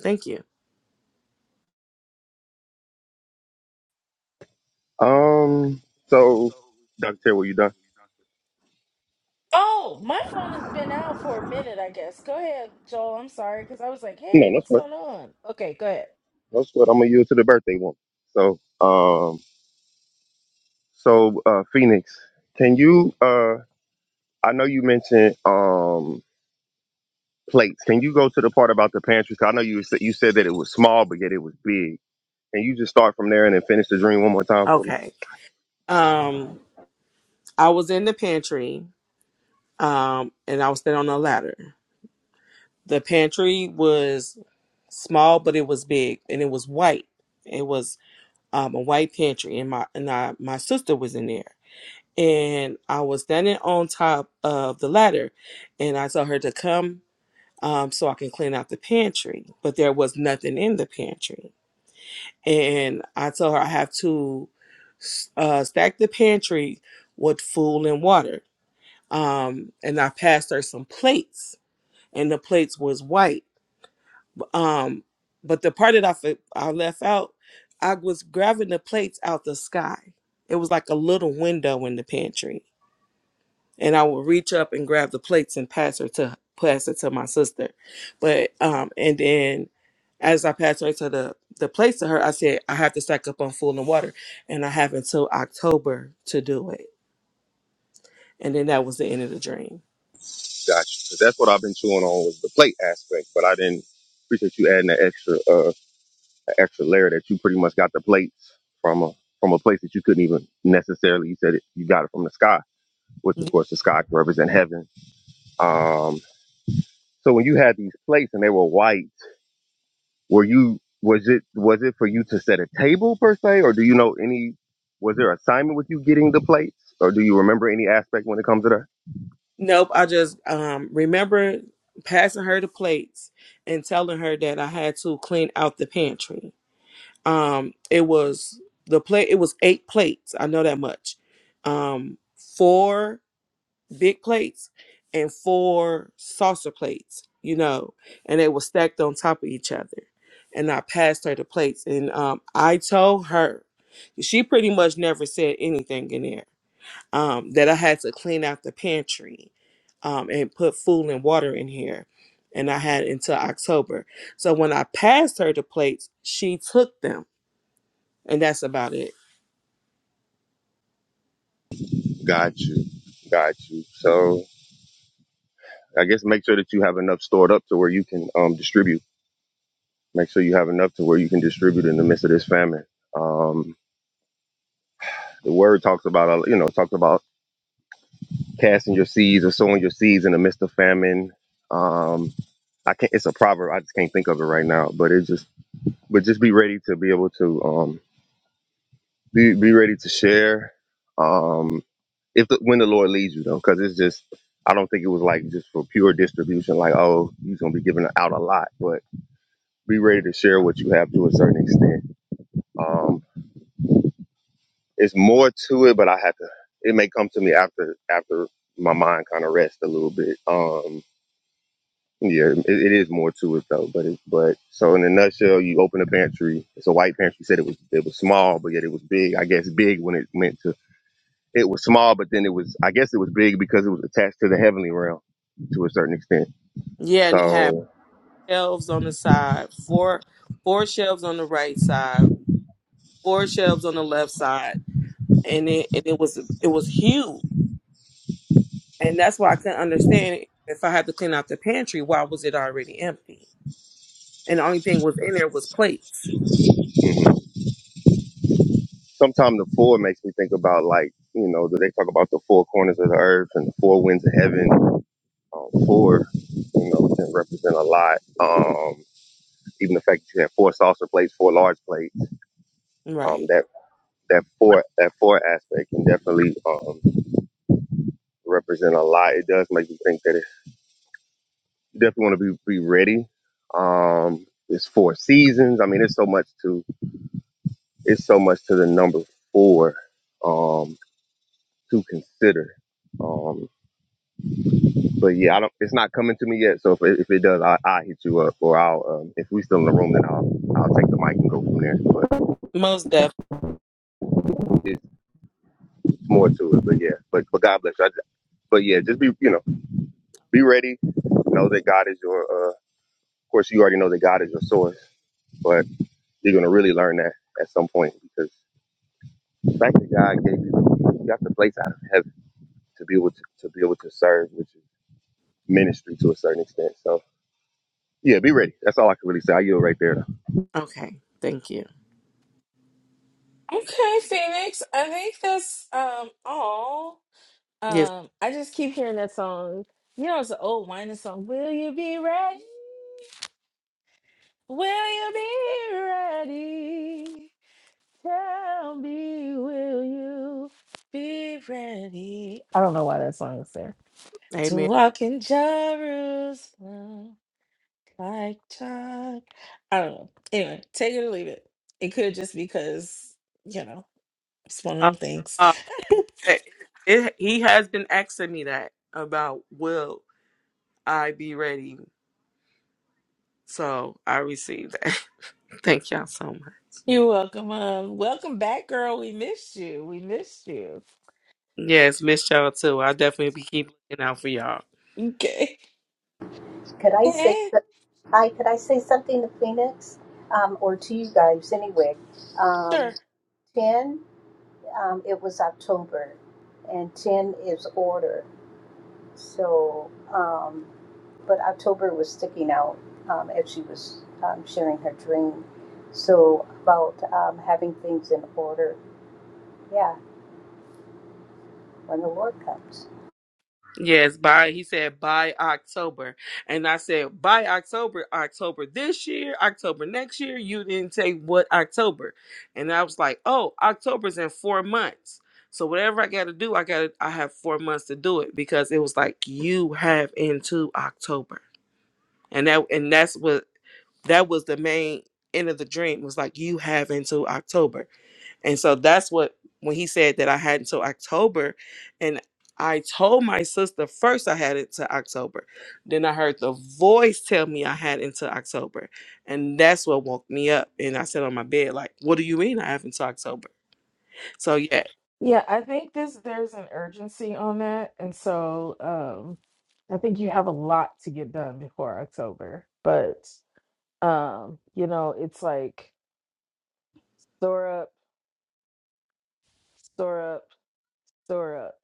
S5: Thank you.
S3: Um, so Dr. Terry, were you done?
S1: Oh, my phone has been out for a minute, I guess. Go ahead, Joel. I'm sorry, because I was like, hey,
S3: No, that's
S1: what's
S3: what.
S1: going on? Okay, go ahead.
S3: That's what. I'm gonna yield to the birthday woman. So, um, so uh, Phoenix, can you? Uh, I know you mentioned um plates. Can you go to the part about the pantry? 'Cause I know you said you said that it was small, but yet it was big. Can you just start from there and then finish the dream one more time for me?
S5: Okay. Um, I was in the pantry um, and I was standing on a ladder. The pantry was small, but it was big, and it was white. It was um, a white pantry, and my and I, my sister was in there, and I was standing on top of the ladder, and I told her to come um, so I can clean out the pantry, but there was nothing in the pantry, and I told her I have to uh, stack the pantry with food and water, um, and I passed her some plates, and the plates was white Um, but the part that I fe- I left out, I was grabbing the plates out the sky. It was like a little window in the pantry, and I would reach up and grab the plates and pass her to pass it to my sister. But um, and then as I passed her to the the plates to her, I said I have to stack up on food and water, and I have until October to do it. And then that was the end of the dream.
S3: Gotcha. 'Cause that's what I've been chewing on was the plate aspect, but I didn't appreciate you adding that extra. Uh. extra layer that you pretty much got the plates from a from a place that you couldn't even necessarily. You said it, you got it from the sky, which of course the sky can represent heaven. Um, so when you had these plates and they were white, were you was it was it for you to set a table per se, or do you know any? Was there assignment with you getting the plates, or do you remember any aspect when it comes to that?
S5: Nope, I just um remember passing her the plates and telling her that I had to clean out the pantry. Um it was the plate it was eight plates, I know that much. Um four big plates and four saucer plates, you know, and they were stacked on top of each other. And I passed her the plates, and um, I told her she pretty much never said anything in there. Um, that I had to clean out the pantry, um, and put food and water in here, and I had until October. So when I passed her the plates, she took them, and that's about it.
S3: Got you, got you. So I guess make sure that you have enough stored up to where you can um, distribute. Make sure you have enough to where you can distribute in the midst of this famine. Um, The word talks about, uh, you know, talks about casting your seeds or sowing your seeds in the midst of famine. Um, I can't. It's a proverb. I just can't think of it right now. But it just, but just be ready to be able to um, be be ready to share. Um, if the, when the Lord leads you, though, because it's just, I don't think it was like just for pure distribution. Like, oh, he's gonna be giving out a lot, but be ready to share what you have to a certain extent. Um, it's more to it, but I have to. It may come to me after after my mind kind of rests a little bit. Um, yeah, it, it is more to it though. But it, but so in a nutshell, you open a pantry. It's a white pantry. You said it was it was small, but yet it was big. I guess big when it meant to. It was small, but then it was. I guess it was big because it was attached to the heavenly realm to a certain extent.
S5: Yeah, and it had
S3: So
S5: shelves on the side, four four shelves on the right side, four shelves on the left side, and it and it was it was huge, and that's why I couldn't understand it. if I had to clean out the pantry, why was it already empty? And the only thing was in there was plates.
S3: mhm. sometimes the four makes me think about like you know they talk about the four corners of the earth and the four winds of heaven um, four, you know, can represent a lot. Um, even the fact that you have four salsa plates, four large plates, um,
S5: Right.
S3: that that four that four aspect can definitely um, represent a lot. It does make you think that it, you definitely want to be be ready. Um, it's four seasons. I mean, it's so much to it's so much to the number four um, to consider. Um, But yeah, I don't. It's not coming to me yet. So if it, if it does, I I hit you up, or I'll um, if we still in the room, then I'll I'll take the mic and go from there. But
S5: Most definitely.
S3: it's more to it. But yeah, but but God bless you. I, but yeah, just be you know be ready. Know that God is your. Uh, of course, you already know that God is your source, but you're gonna really learn that at some point because the fact that God gave you you got the place out of heaven to be able to to be able to serve, which is ministry to a certain extent. So yeah, be ready. That's all I can really say. I yield right there,
S5: Okay. Thank you.
S1: Okay, Phoenix. I think that's um all.
S5: Yes.
S1: Um, I just keep hearing that song. You know, it's an old whining song. Will you be ready? Will you be ready? Tell me, will you be ready? I don't know why that song is there. To
S5: Amen.
S1: walk in Jerusalem. Like Chuck. I don't know. Anyway, take it or leave it. It could just because, you know, it's one of them things.
S5: Oh. it, it he has been asking me that about will I be ready. So I received that. [laughs] Thank y'all so much.
S1: You're welcome. Um, welcome back, girl. We missed you. We missed you. [laughs]
S5: Yes, miss y'all too. I'll definitely be keep looking out for y'all.
S1: Okay.
S6: Could I say,
S1: Hey,
S6: so, hi, could I say something to Phoenix um, or to you guys anyway? Um,
S1: sure.
S6: 10, um, it was October, and 10 is order. So, um, but October was sticking out um, as she was um, sharing her dream. So, about um, having things in order. Yeah, when the Lord comes.
S5: Yes, by he said by October. And I said by October, October this year, October next year, you didn't say what October. And I was like, Oh, October's in four months. So whatever I gotta do, I gotta I have four months to do it because it was like you have into October. and that and that's what that was the main end of the dream was like you have until october and so that's what when he said that i had until october and i told my sister first i had it to october then i heard the voice tell me i had until october and that's what woke me up and i sat on my bed like what do you mean i have until october so yeah
S1: Yeah, I think this there's an urgency on that, and so um, I think you have a lot to get done before October. But um, you know, it's like store up, store up, store up.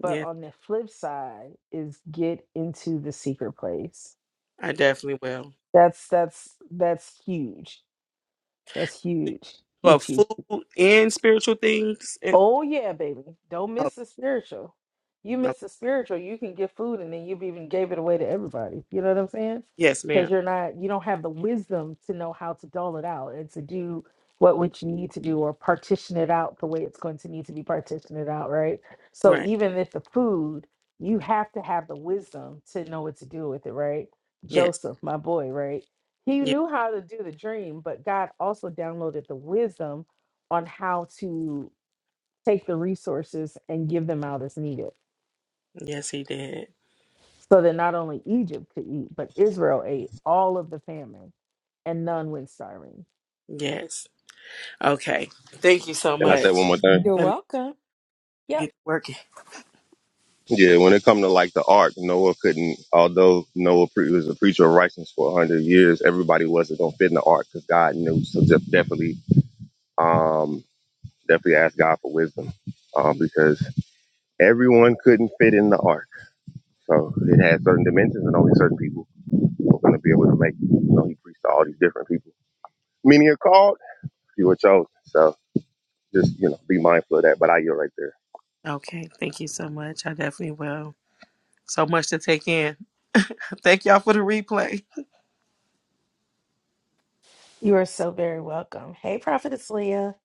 S1: but
S5: yeah
S1: on the flip side is get into the secret place
S5: i definitely will
S1: that's that's that's huge that's huge
S5: well
S1: huge huge
S5: food and spiritual things and
S1: Oh yeah, baby. Don't
S5: oh,
S1: miss the spiritual. You
S5: no.
S1: miss the spiritual, you can get food and then you've even gave it away to everybody. You know what I'm saying?
S5: yes
S1: Because
S5: ma'am
S1: you're not you don't have the wisdom to know how to dole it out and to do what what you need to do or partition it out the way it's going to need to be partitioned it out, right? So
S5: right
S1: even if the food, you have to have the wisdom to know what to do with it, right?
S5: yes.
S1: Joseph, my boy, right? He
S5: Yeah,
S1: knew how to do the dream, but God also downloaded the wisdom on how to take the resources and give them out as needed
S5: yes, he did.
S1: so that not only Egypt could eat, but Israel ate all of the famine and none went starving.
S5: Yes. Okay. Thank you so
S3: and I said one
S5: much.
S3: more thing.
S1: You're
S5: Let me
S1: welcome. Yep.
S5: get working.
S3: Yeah, when it come to like the ark, Noah couldn't. Although Noah pre- was a preacher of righteousness for a hundred years, everybody wasn't gonna fit in the ark because God knew. So just definitely, um, definitely ask God for wisdom, um, because everyone couldn't fit in the ark. So it had certain dimensions, and only certain people were gonna be able to make. it. You know, He preached to all these different people. Many are called, few are chosen. So just you know, be mindful of that. But I yield right there.
S5: Okay. Thank you so much. I definitely will. So much to take in. [laughs] Thank y'all for the replay.
S1: You are so very welcome. Hey, Prophetess Leah.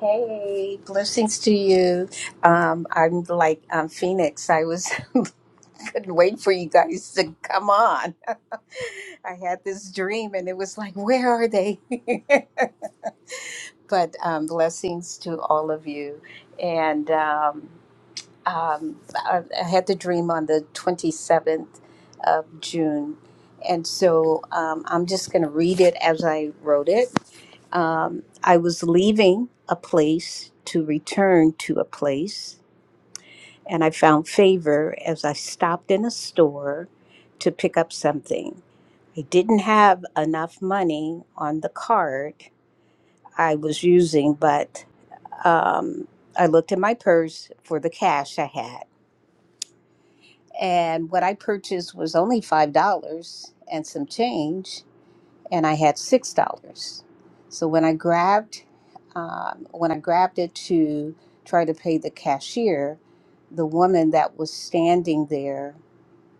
S6: Hey, blessings to you. Um, I'm like um, Phoenix. I was. [laughs] couldn't wait for you guys to come on. I had this dream and it was like, where are they? [laughs] but um, blessings to all of you. And um, um, I, I had the dream on the 27th of June. And so um, I'm just going to read it as I wrote it. Um, I was leaving a place to return to a place. and I found favor as I stopped in a store to pick up something. I didn't have enough money on the card I was using, but um, I looked in my purse for the cash I had. And what I purchased was only $5 and some change, and I had $6. So when I grabbed um, when I grabbed it to try to pay the cashier, the woman that was standing there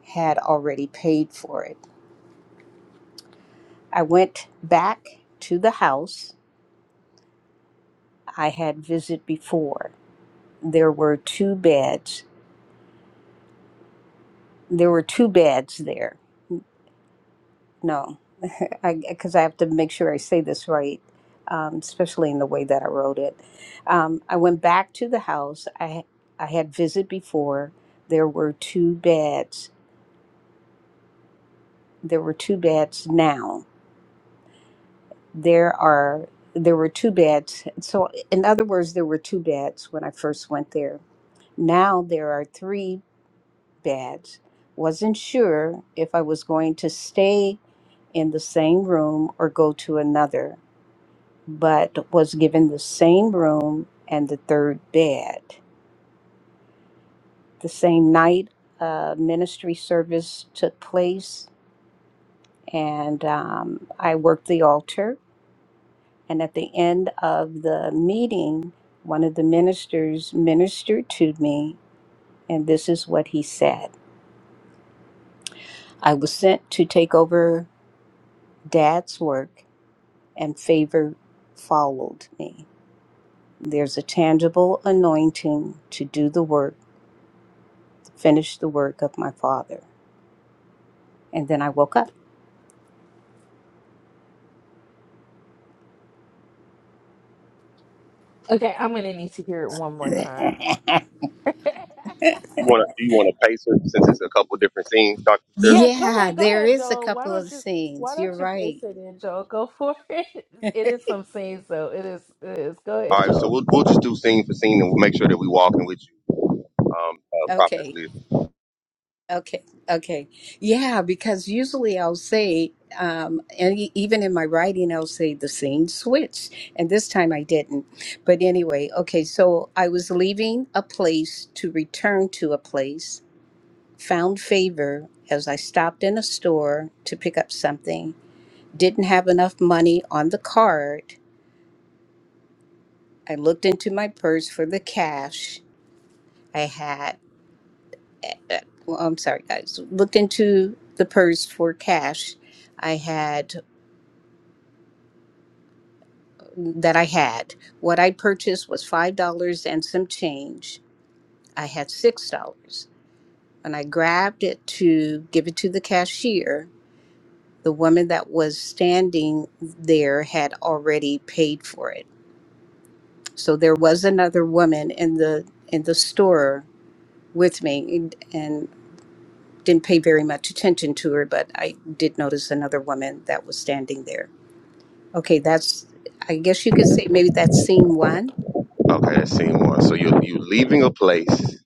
S6: had already paid for it. I went back to the house I had visited before. There were two beds. There were two beds there. No, [laughs] because I, 'cause I have to make sure I say this right, um, especially in the way that I wrote it. Um, I went back to the house I I had visited before. There were two beds. There were two beds now there are there were two beds so in other words there were two beds when i first went there now there are three beds wasn't sure if i was going to stay in the same room or go to another but was given the same room and the third bed the same night uh, ministry service took place and um, i worked the altar And at the end of the meeting, one of the ministers ministered to me, and this is what he said I was sent to take over dad's work, and favor followed me. There's a tangible anointing to do the work, finish the work of my father. And then I woke up.
S1: Okay, I'm going to need to hear it one more time. [laughs]
S3: you want to? Do you want to pace it since it's a couple different scenes,
S6: [laughs]
S3: Doctor?
S1: yeah, go
S6: yeah,
S1: ahead, go
S6: there
S1: ahead,
S6: is a
S1: Joel. Why
S6: couple of
S1: don't you why
S6: scenes.
S1: don't
S6: You're
S1: you paste
S6: right.
S1: it in, Joel? Go for [laughs] it. It
S6: [laughs]
S1: is some scenes though. It is it is. Go
S3: All
S1: ahead,
S3: right, so
S1: Joel.
S3: we'll, we'll just do scene for scene and we'll make sure that we walking with you um, uh,
S6: Okay.
S3: properly.
S6: Okay, okay. Yeah, because usually I'll say, um, and e- even in my writing, I'll say the scene switched, and this time I didn't. But anyway, okay, so I was leaving a place to return to a place, found favor as I stopped in a store to pick up something, didn't have enough money on the card. I looked into my purse for the cash I had uh, well, I'm sorry, guys, looked into the purse for cash I had that I had. What I purchased was five dollars and some change. I had six dollars. When I grabbed it to give it to the cashier, the woman that was standing there had already paid for it. So there was another woman in the in the store with me and, and didn't pay very much attention to her, but I did notice another woman that was standing there Okay, that's, I guess you could say maybe that's scene one.
S3: Okay, that's scene one. So you're, you're leaving a place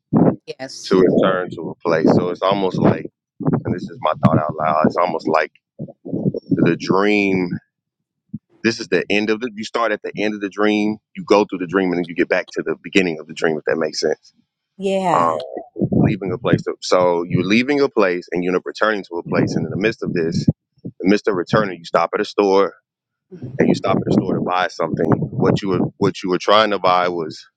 S3: to
S6: Yes.
S3: return to a place. So it's almost like, and this is my thought out loud, it's almost like the dream. This is the end of the, you start at the end of the dream, you go through the dream, and then you get back to the beginning of the dream, if that makes sense.
S6: Yeah,
S3: Um, leaving a place. To, so you're leaving a place and you're returning to a place. And in the midst of this, the midst of returning, you stop at a store and you stop at the store to buy something, what you were what you were trying to buy was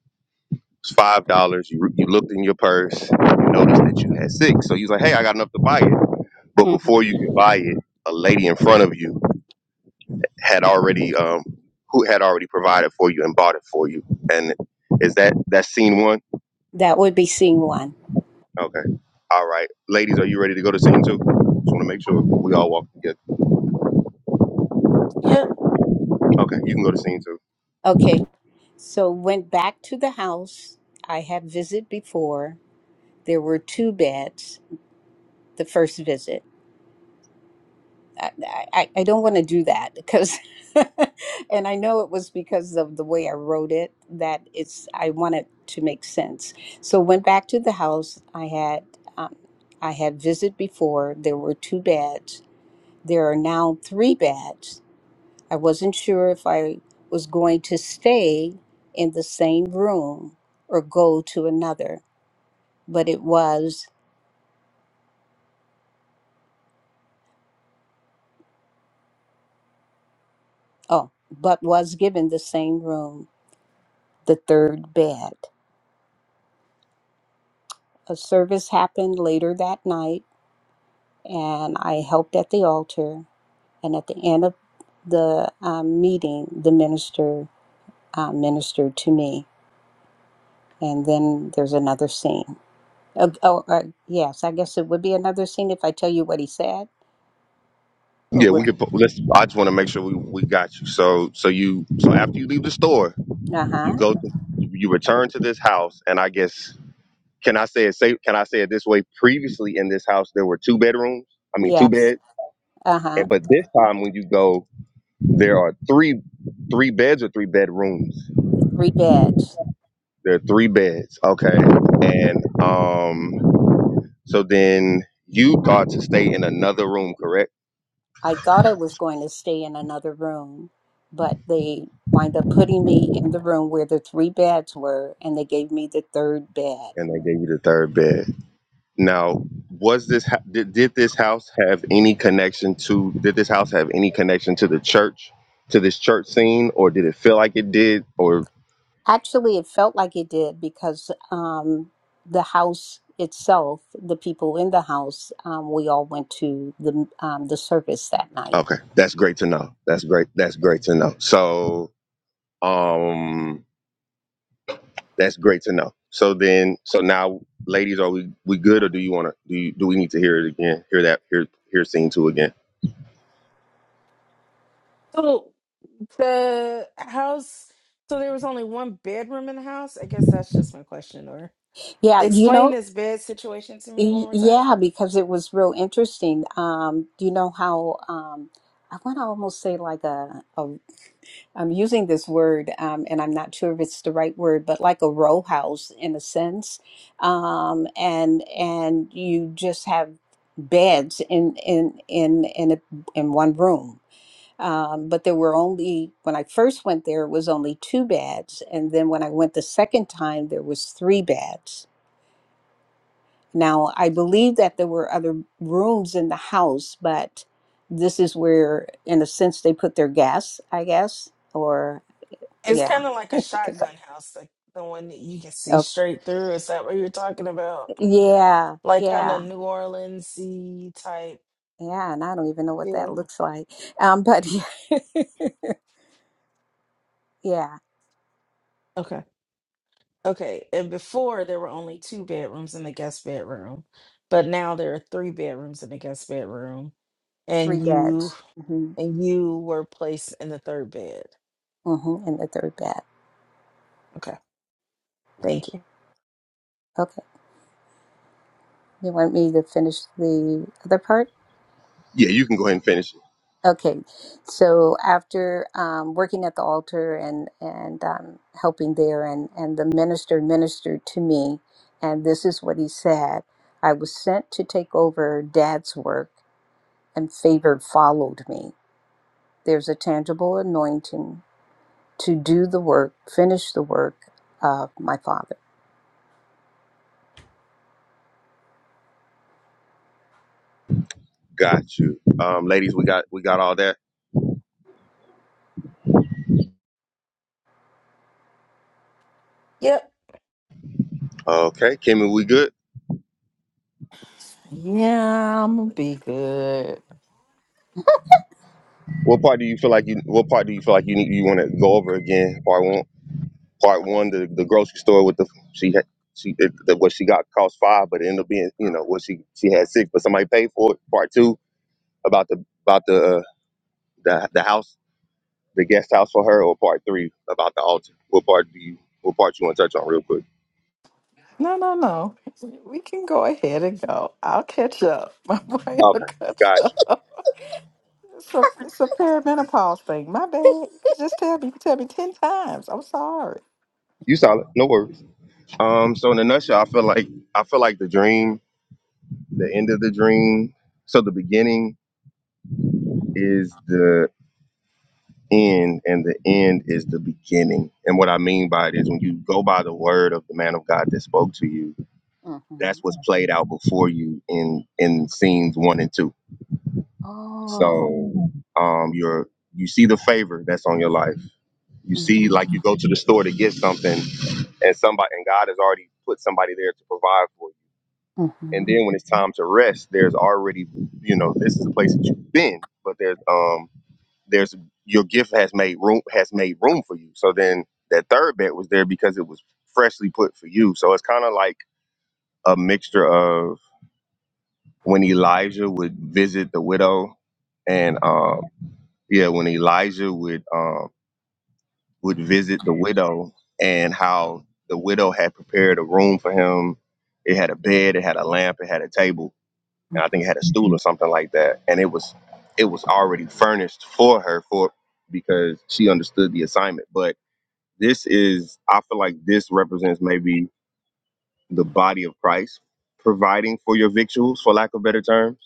S3: five dollars. You you looked in your purse, you noticed that you had six, so you was like, "Hey, I got enough to buy it." But
S6: hmm
S3: before you could buy it, a lady in front of you had already um who had already provided for you and bought it for you. And is that that scene one?
S6: that would be scene one.
S3: Okay, all right, ladies, are you ready to go to scene two? Just want to make sure we all walk together. Okay, you can go to scene two.
S6: Okay, so went back to the house. I had visit before. There were two beds the first visit. I, I, I don't want to do that because, [laughs] and I know it was because of the way I wrote it that it's, I want it to make sense. So went back to the house. I had, um, I had visit before. There were two beds There are now three beds. I wasn't sure if I was going to stay in the same room or go to another, but it was, oh, but was given the same room, the third bed. A service happened later that night, and I helped at the altar. And at the end of the um, meeting, the minister uh, ministered to me. And then there's another scene. Oh, oh, uh, yes, I guess it would be another scene if I tell you what he said, or
S3: Yeah,
S6: would,
S3: we could. put- Let's. I just want to make sure we, we got you. So so you so after you leave the store, You
S6: uh-huh,
S3: go to you return to this house, and I guess can I say it say can I say it this way? Previously in this house there were two bedrooms. I mean two
S6: yes,
S3: beds.
S6: uh-huh,
S3: And but this time when you go, there are three three beds or three bedrooms.
S6: the three beds.
S3: There are three beds. Okay. And um so then you got to stay in another room, correct?
S6: I thought I was going to stay in another room, but they wind up putting me in the room where the three beds were, and they gave me the third bed.
S3: And they gave you the third bed. Now, was this ho- did, did this house have any connection to did this house have any connection to the church to this church scene or did it feel like it did or
S6: Actually, it felt like it did because um, the house itself, the people in the house, um, we all went to the um, the service that night.
S3: okay, that's great to know. That's great. That's great to know. So, um that's great to know. So then so now ladies are we we good or do you want to do you, do we need to hear it again? Hear that hear hear scene 2 again.
S1: So the house, so there was only one bedroom in the house. I guess that's just my question. Or
S6: Yeah, you know,
S1: explain this bed situation to me one
S6: Y-
S1: more time.
S6: Yeah, because it was real interesting. Um, do you know how um, I want to almost say like a, a I'm using this word um, and I'm not sure if it's the right word, but like a row house in a sense. Um, and and you just have beds in in in in a, in one room. Um, but there were only when I first went there, it was only two beds, and then when I went the second time, there was three beds now, I believe that there were other rooms in the house, but this is where, in a sense, they put their gas, I guess, or
S1: It's
S6: yeah.
S1: kind of like a
S6: 'Cause-
S1: shotgun house, like the one that you can see
S6: Oh,
S1: straight through. Is that what you're talking about?
S6: yeah,
S1: Like kind of
S6: yeah,
S1: New Orleans type
S6: yeah. And I don't even know what that
S1: feel.
S6: looks like. Um, but [laughs] yeah,
S1: Okay. Okay, and before there were only two bedrooms in the guest bedroom, but now there are three bedrooms in the guest bedroom,
S6: three
S1: and you
S6: beds. Mm-hmm.
S1: and you were placed in the third bed.
S6: Mm-hmm. And the third bed.
S1: Okay, thank you.
S6: Okay. You want me to finish the other part?
S3: Yeah, you can go ahead and finish.
S6: Okay, so after um, working at the altar and and um, helping there, and and the minister ministered to me, and this is what he said: I was sent to take over Dad's work, and favor followed me. There's a tangible anointing to do the work, finish the work of my father.
S3: Got you. Um ladies, we got we got all that.
S1: Yep.
S3: Okay, Kimmy, we good?
S2: yeah i'm gonna be good
S3: What part do you feel like you? What part do you feel like you you want to go over again? Part one, part one, the, the grocery store with the she had she it, the, what she got cost five, but it ended up being you know what she she had six, but somebody paid for it. Part two about the about the uh, the the house, the guest house for her, or part three about the altar. What part do you? What part you want to touch on real quick?
S2: no no no we can go ahead and go i'll catch up [laughs] my brain will
S3: Okay,
S2: catch
S3: got you.
S2: up it's a, it's a perimenopause thing my bad you can just tell me you can tell me 10 times i'm sorry
S3: You solid, no worries. Um, so in a nutshell, I feel like I feel like the dream, the end of the dream. So the beginning is the. end and the end is the beginning. And what I mean by it is when you go by the word of the man of God that spoke to you, that's
S6: hmm
S3: what's played out before you in in scenes one and two.
S6: Oh.
S3: So um you're you see the favor that's on your life. You see
S6: Mm-hmm.
S3: like you go to the store to get something and somebody and God has already put somebody there to provide for you. And
S6: Mm-hmm.
S3: then when it's time to rest, there's already you know, this is a place that you've been, but there's um there's your gift has made room has made room for you. So then that third bet was there because it was freshly put for you. So it's kind of like a mixture of when Elijah would visit the widow, and um, yeah, when Elijah would um, would visit the widow, and how the widow had prepared a room for him. It had a bed, it had a lamp, it had a table, and I
S6: Mm-hmm.
S3: think it had a stool or something like that. And it was it was already furnished for her for because she understood the assignment, but This is, I feel like this represents maybe the body of Christ providing for your victuals, for lack of better terms.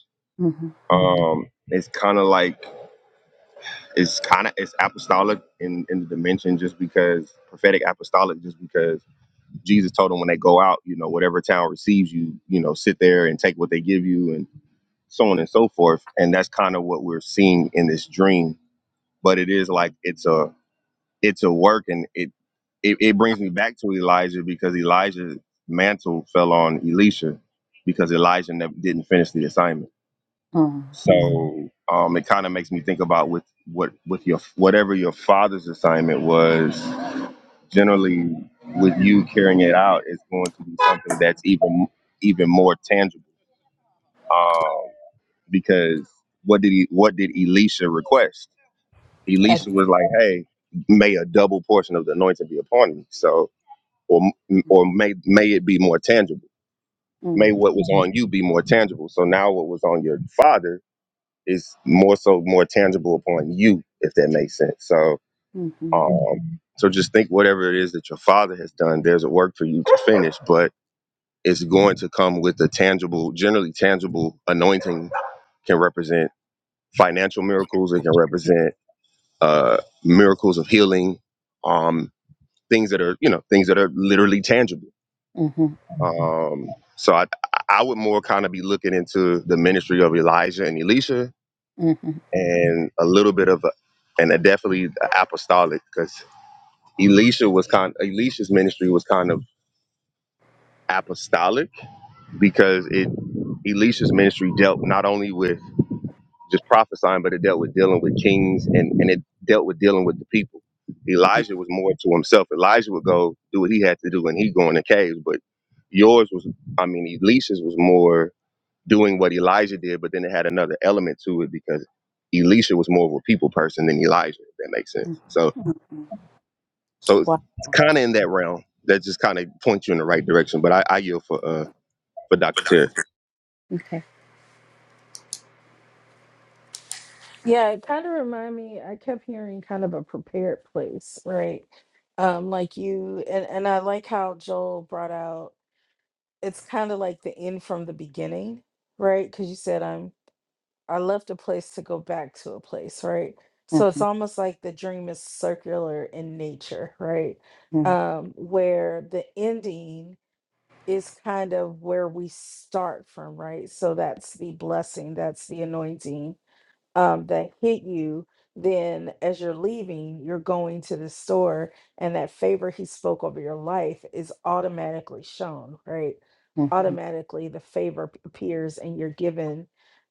S6: Mm-hmm.
S3: Um, it's kind of like it's kind of it's apostolic in in the dimension, just because prophetic apostolic, just because Jesus told them when they go out, you know, whatever town receives you, you know, sit there and take what they give you, and so on and so forth. And that's kind of what we're seeing in this dream. But it is like it's a it to work and it, it it brings me back to Elijah because Elijah's mantle fell on Elisha because Elijah never, didn't finish the assignment.
S6: Mm-hmm.
S3: So um, it kind of makes me think about with what with your whatever your father's assignment was. Generally, with you carrying it out, it's going to be something that's even even more tangible. Um, because what did he what did Elisha request? Elisha was like, "Hey, may a double portion of the anointing be upon me." So or or may may it be more tangible. May what was on you be more tangible. So now what was on your father is more so more tangible upon you, if that makes sense. So
S6: Mm-hmm.
S3: um, so just think whatever it is that your father has done, there's a work for you to finish, but it's going to come with a tangible, generally tangible anointing can represent financial miracles. It can represent uh, miracles of healing, um, things that are you know things that are literally tangible
S6: Mm-hmm.
S3: Um, so I I would more kind of be looking into the ministry of Elijah and Elisha
S6: Mm-hmm.
S3: and a little bit of a, and a definitely the apostolic because Elisha was kind Elisha's ministry was kind of apostolic because it Elisha's ministry dealt not only with just prophesying but it dealt with dealing with kings and and it dealt with dealing with the people. Elijah was more to himself. Elijah would go do what he had to do and he would go in the caves, but yours was I mean Elisha's was more doing what Elijah did, but then it had another element to it because Elisha was more of a people person than Elijah, if that makes sense.
S6: Mm,
S3: So
S6: mm, mm.
S3: so it's
S6: Wow.
S3: kinda in that realm. That just kinda points you in the right direction. But I, I yield for uh for Dr. Terry.
S6: Okay.
S1: Yeah, it kind of remind me. I kept hearing kind of a prepared place, right? Um, like you and and I like how Joel brought out. It's kind of like the end from the beginning, right? Because you said I'm I left a place to go back to a place, right? So it's
S6: Mhm,
S1: almost like the dream is circular in nature, right?
S6: mhm,
S1: Um, where the ending is kind of where we start from, right? So that's the blessing, that's the anointing um, that hit you, then as you're leaving, you're going to the store, and that favor he spoke over your life is automatically shown, right?
S6: mhm,
S1: Automatically, the favor p- appears, and you're given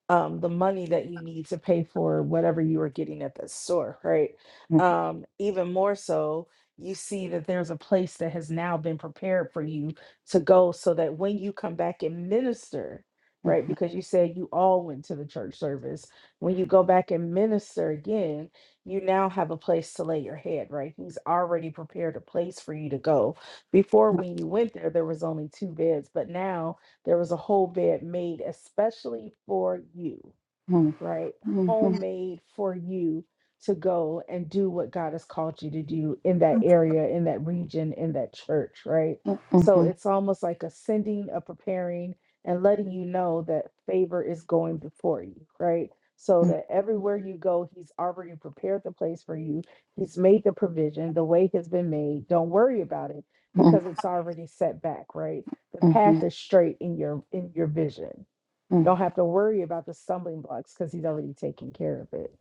S1: um, the money that you need to pay for whatever you are getting at the store, right?
S6: mhm,
S1: Um, even more so, you see that there's a place that has now been prepared for you to go so that when you come back and minister, right?
S6: mhm, mhm,
S1: Because you said you all went to the church service when you go back and minister again, you now have a place to lay your head, right? He's already prepared a place for you to go. Before, when you went there, there was only two beds, but now there was a whole bed made especially for you
S6: mhm,
S1: right?
S6: mhm,
S1: Homemade for you to go and do what God has called you to do in that area, in that region, in that church, right? So it's almost like a sending, a preparing, and letting you know that favor is going before you, right? So that everywhere you go, He's already prepared the place for you. He's made the provision, the way has been made. Don't worry about it
S6: mhm, mhm,
S1: because it's already set back, right? The
S6: mhm,
S1: path is straight in your in your vision you
S6: mhm.
S1: don't have to worry about the stumbling blocks because he's already taking care of it.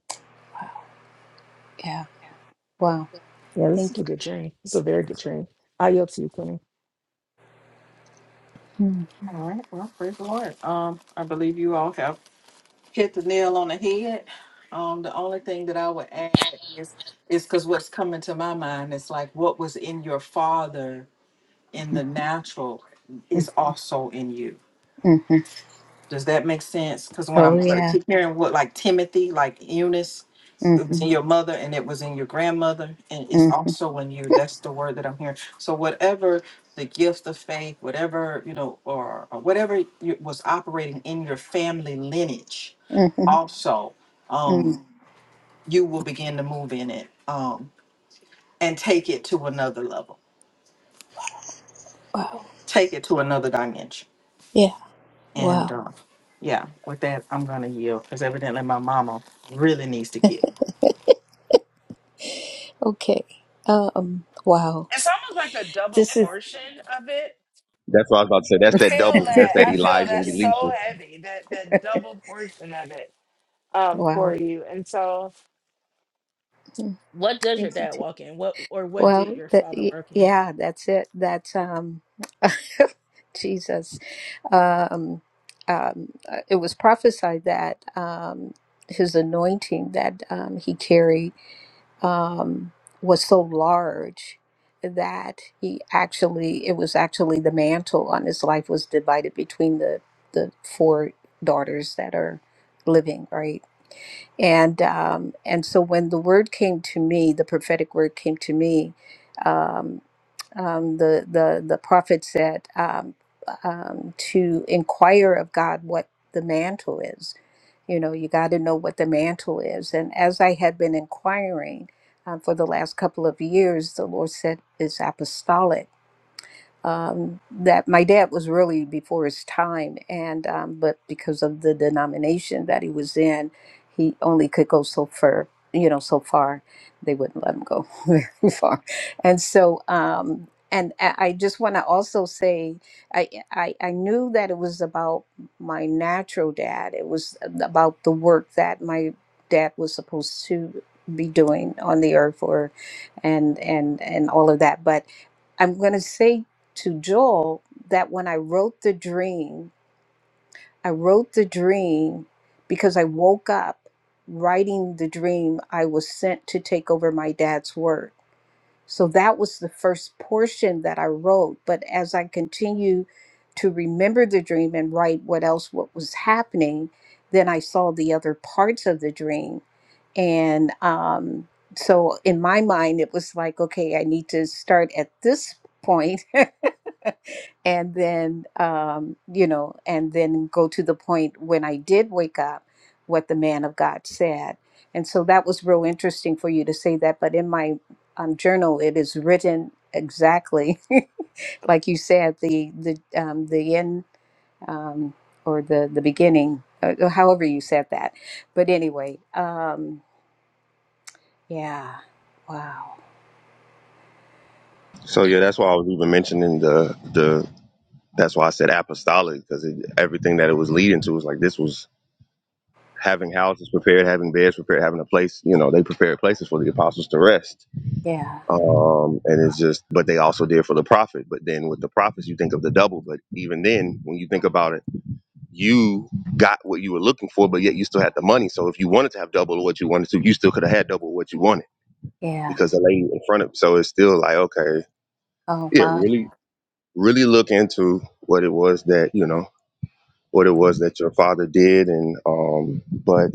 S6: Yeah. Wow.
S1: Yeah, this is
S6: Thank
S1: a
S6: you.
S1: good dream. It's a very good dream. I yield to you, dream.
S6: Mhm,
S2: All right. Well, praise the Lord. Um, I believe you all have. hit the nail on the head. Um, the only thing that I would add is is because what's coming to my mind is like what was in your father in the natural
S6: mhm,
S2: is also in you.
S6: mhm.
S2: Does that make sense? Because when
S6: Oh
S2: I'm what I
S6: yeah.
S2: keep hearing what like Timothy, like Eunice, it was
S6: Mhm,
S2: in your mother and it was in your grandmother, and it's
S6: mhm,
S2: also in you. That's the word that I'm hearing. So whatever the gift of faith, whatever you know, or, or whatever you, was operating in your family lineage,
S6: mhm,
S2: also,
S6: mhm.
S2: um, you will begin to move in it um, and take it to another level,
S6: Wow.
S2: take it to another dimension.
S6: Yeah.
S2: And
S6: Wow.
S2: uh, yeah, with that, I'm gonna yield because evidently my mama really needs to get.
S6: Okay. Um. Wow.
S1: It's almost like a double
S6: This is.
S1: portion of it.
S3: That's what I was about to say. That's
S1: I
S3: that
S1: feel
S6: [laughs]
S3: double.
S1: that.
S3: That's that
S1: I feel
S3: Elijah and
S1: that's so
S3: Elisha.
S1: heavy. That that double portion of it um
S6: wow.
S1: for you. And so
S6: Mm,
S1: what does your
S6: Thank you.
S1: dad
S6: too.
S1: walk in? What or what did
S6: Well.
S1: your
S6: That,
S1: father
S6: y-
S1: work in?
S6: yeah. That's it. That's um. [laughs] Jesus. um, um, uh, it was prophesied that um, his anointing that um, he carried um, was so large that he actually it was actually the mantle on his life was divided between the the four daughters that are living right and um, and so when the word came to me, the prophetic word came to me. Um, um, the the the prophet said um, um, to inquire of God what the mantle is. You know, you got to know what the mantle is. And as I had been inquiring um, for the last couple of years, the Lord said it's apostolic um, that my dad was really before his time, and um, but because of the denomination that he was in, he only could go so far. You know, so far they wouldn't let him go [laughs] very far, and so um, and I I just want to also say I, I I knew that it was about my natural dad. It was about the work that my dad was supposed to be doing on the earth, or and and and all of that, but I'm going to say to Joel that when I wrote the dream, I wrote the dream because I woke up writing the dream I was sent to take over my dad's work. So that was the first portion that I wrote. But as I continue to remember the dream and write what else, what was happening, then I saw the other parts of the dream. And um, so in my mind, it was like, okay, I need to start at this point [laughs] and then, um, you know, and then go to the point when I did wake up, what the man of God said. And so that was real interesting for you to say that. But in my um, journal, it is written exactly [laughs] like you said. The the um, the end um, or the the beginning, uh, or however you said that. But anyway, um, yeah, wow,
S3: So yeah, that's why I was even mentioning the the that's why I said apostolic, because everything that it was leading to was like this was having houses prepared, having beds prepared, having a place, you know, they prepared places for the apostles to rest
S6: yeah,
S3: um and it's just but they also did for the profit but then with the profits you think of the double but even then when you think about it you got what you were looking for but yet you still had the money so if you wanted to have double what you wanted to you still could have had double what you wanted
S6: yeah,
S3: because the lady in front of you. so it's still like okay
S6: oh
S3: yeah
S6: wow,
S3: really really look into what it was that you know what it was that your father did and um but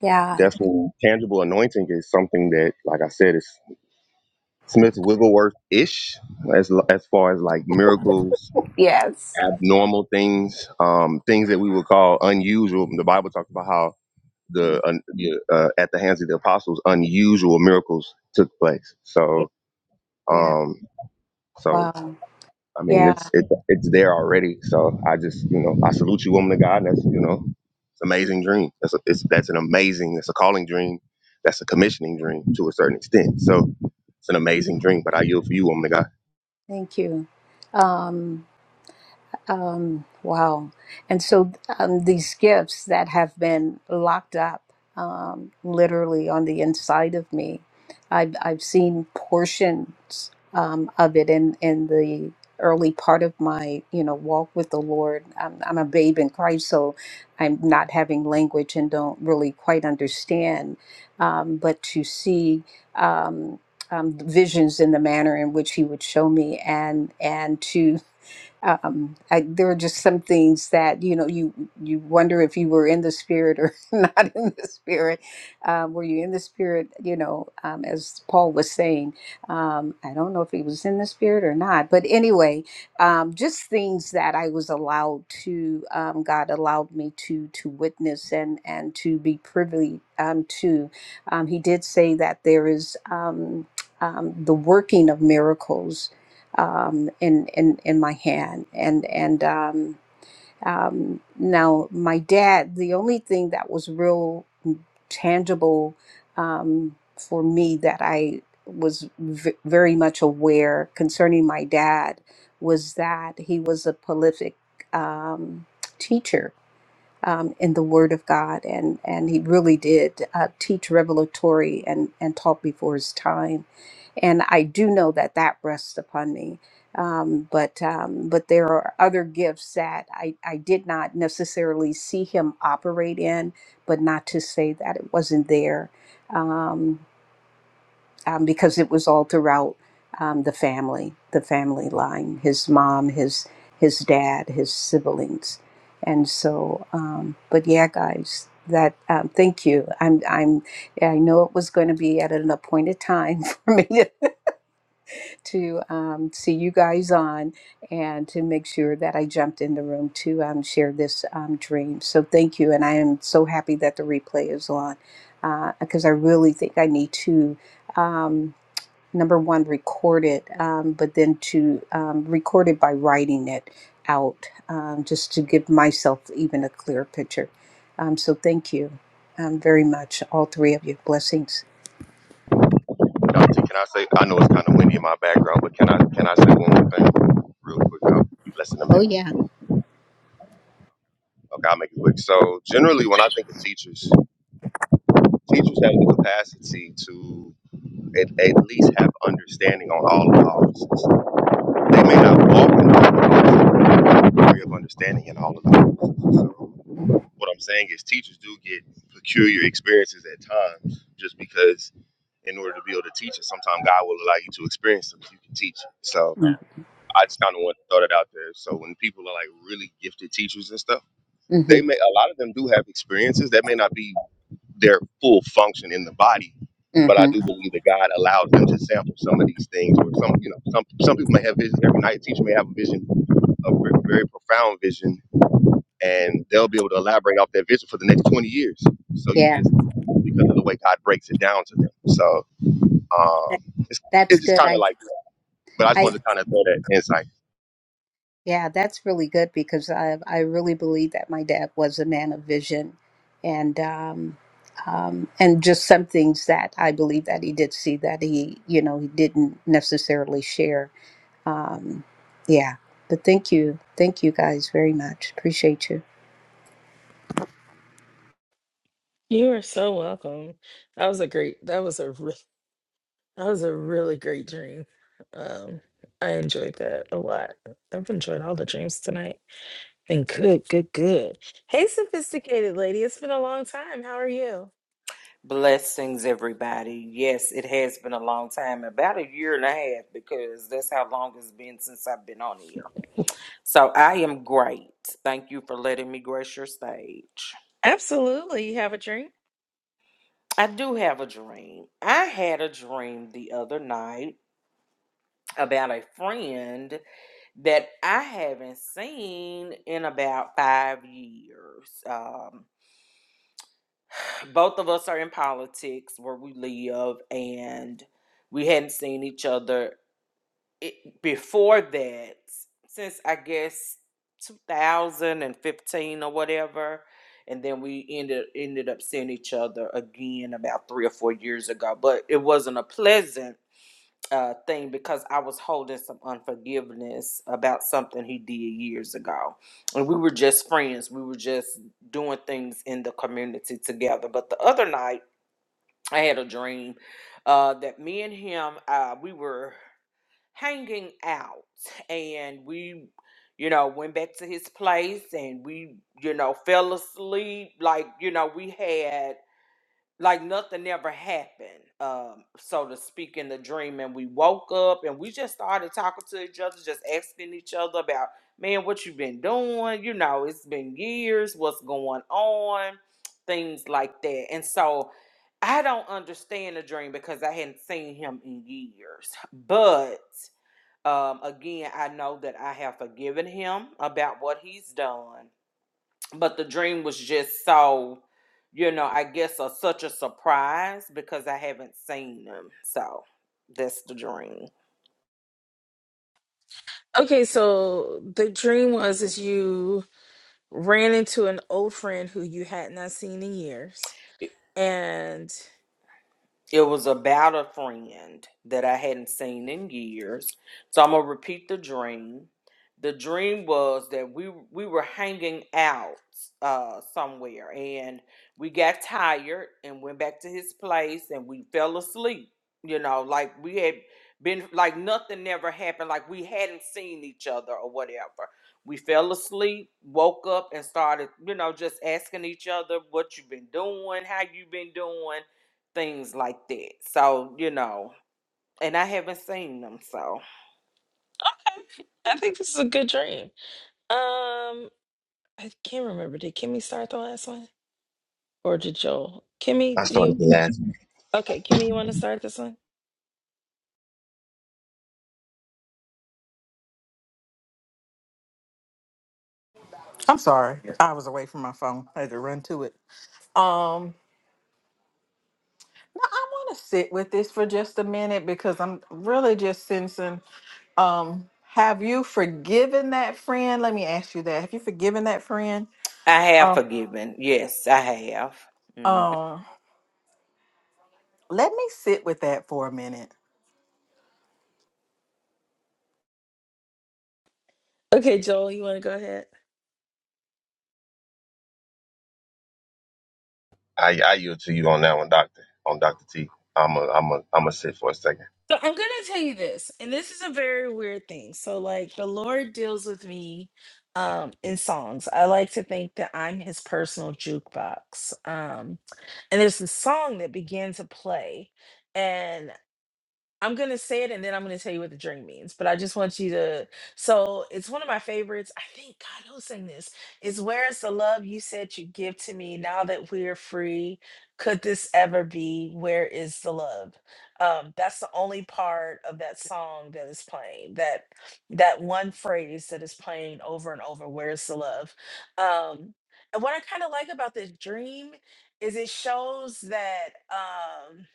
S6: yeah,
S3: definitely tangible anointing is something that like i said is Smith Wigglesworth ish as as far as like miracles,
S6: yes,
S3: abnormal things, um, things that we would call unusual. The Bible talks about how the uh, the, uh, at the hands of the apostles unusual miracles took place.
S6: yeah,
S3: So
S6: yeah,
S3: um, so
S6: wow,
S3: I mean
S6: yeah.
S3: it's it, it's there already. So I just you know I salute you, woman of God. That's you know it's an amazing dream. That's a, it's that's an amazing. That's a calling dream. That's a commissioning dream to a certain extent. So it's an amazing dream. But I yield for you, woman of God.
S6: Thank you. Um, Um, wow. And so um, these gifts that have been locked up um, literally on the inside of me, I've, I've seen portions um, of it in, in the early part of my, you know, walk with the Lord. I'm, I'm a babe in Christ, so I'm not having language and don't really quite understand. Um, but to see um, um, visions in the manner in which He would show me and, and to um, I, there are just some things that you know you you wonder if you were in the spirit or [laughs] not in the spirit. Um, were you in the spirit? You know, um, as Paul was saying, um, I don't know if he was in the spirit or not. But anyway, um, just things that I was allowed to um, God allowed me to to witness and and to be privy um, to. Um, he did say that there is um, um, the working of miracles um, in in in my hand, and and um, um, now my dad. The only thing that was real tangible um, for me that I was v- very much aware concerning my dad was that he was a prolific um, teacher um, in the Word of God, and and he really did uh, teach revelatory and and taught before his time, and I do know that that rests upon me. Um, but um, but there are other gifts that I I did not necessarily see him operate in, but not to say that it wasn't there. Um, um, because it was all throughout um, the family, the family line, his mom, his his dad, his siblings, and so. Um, but yeah, guys, that um, thank you. I'm I'm I know it was going to be at an appointed time [laughs] for me to, to um, see you guys on and to make sure that I jumped in the room to um, share this um, dream. So thank you, and I am so happy that the replay is on because I really think I need to. Um, number one recorded um, but then to um, record it by writing it out um, just to give myself even a clearer picture um, so thank you um, very much all three of you blessings
S3: Dante, can I say? I know it's kind of windy in my background, but can I can I say one more thing real quick? I'll be less than a
S6: oh
S3: minute.
S6: yeah
S3: Okay, I'll make it quick. So generally, when I think of teachers, teachers have the capacity to at, at least have understanding on all of the offices. They may not walk in the degree of understanding in all of the offices. So what I'm saying is, teachers do get peculiar experiences at times, just because in order to be able to teach it, sometimes God will allow you to experience something you can teach. It. So.
S6: Yeah.
S3: I just kind of want to throw that out there. So when people are like really gifted teachers and stuff,
S6: mm-hmm.
S3: they may a lot of them do have experiences that may not be their full function in the body, but I
S6: Mm-hmm.
S3: do believe that God allows them to sample some of these things. Where some, you know, some some people may have visions every night. A teacher may have a vision, a ver- very profound vision, and they'll be able to elaborate off that vision for the next twenty years. So you
S6: yeah
S3: just because of the way God breaks it down to them. So um,
S6: That-
S3: it's
S6: that's
S3: it's just
S6: good
S3: kind of
S6: i
S3: like. that. But I just
S6: i
S3: wanted to kind of throw that insight.
S6: yeah that's really good because i i really believe that my dad was a man of vision and um, um, and just some things that I believe that he did see that he you know he didn't necessarily share Yeah. But thank you. Thank you guys very much. Appreciate you.
S1: You are so welcome. That was a great that was a really That was a really great dream. Um, I enjoyed that a lot. I've enjoyed all the dreams tonight. Been good, good, good. Hey, sophisticated lady. It's been a long time. How are you?
S7: Blessings, everybody. Yes, it has been a long time, about a year and a half, because that's how long it's been since I've been on here. So I am great. Thank you for letting me grace your stage.
S1: Absolutely. You have a drink?
S7: I do have a dream. I had a dream the other night about a friend that I haven't seen in about five years. Um, both of us are in politics where we live, and we hadn't seen each other it, before that, since I guess 2015 or whatever, and then we ended ended up seeing each other again about three or four years ago. But it wasn't a pleasant uh, thing because I was holding some unforgiveness about something he did years ago, and we were just friends. We were just doing things in the community together. But the other night, I had a dream uh, that me and him, uh, we were hanging out and we you know went back to his place and we you know fell asleep like you know we had like nothing ever happened um so to speak in the dream and we woke up and we just started talking to each other just asking each other about man what you been doing you know it's been years what's going on things like that and so i don't understand the dream because i hadn't seen him in years but um, again, I know that I have forgiven him about what he's done, but the dream was just so, you know, I guess a, such a surprise because I haven't seen him. So that's the dream.
S1: Okay, so the dream was is you ran into an old friend who you had not seen in years, and
S7: It was about a friend that I hadn't seen in years. So I'm gonna repeat the dream. The dream was that we we were hanging out uh, somewhere, and we got tired and went back to his place, and we fell asleep. You know, like we had been like nothing never happened, like we hadn't seen each other or whatever. We fell asleep, woke up, and started, you know, just asking each other what you've been doing, how you've been doing things like that. So, you know, and I haven't seen them, so
S1: I I think this is a good dream. Um, I can't remember. Did Kimmy start the last one, or did Joel?
S3: I
S1: Kimmy, do you?
S3: started. to laugh.
S1: Okay, Kimmy, you want to start this one?
S2: I'm sorry, I was away from my phone. I had to run to it. Um, no, I want to sit with this for just a minute because I'm really just sensing. Um, have you forgiven that friend? Let me ask you that. Have you forgiven that friend?
S7: I have
S2: Um,
S7: forgiven. Yes, I have. hmm
S2: um, let me sit with that for a minute.
S1: Okay, Joel, you want to go ahead?
S3: I, I yield to you on that one, Doctor. On Doctor T. I'm a I'm a I'm a sit for a second.
S1: So I'm going to tell you this, and this is a very weird thing. So, like, the Lord deals with me um, in songs. I like to think that I'm his personal jukebox. Um, and there's this song that began to play. and. I'm gonna say it and then I'm gonna tell you what the drink means. But I just want you to. So it's one of my favorites. I think God who sang this. It's where is the love you said you give to me now that we're free. Could this ever be? Where is the love? Um, that's the only part of that song that is playing. That that one phrase that is playing over and over. Where is the love? Um, and what I kind of like about this dream is it shows that. Um,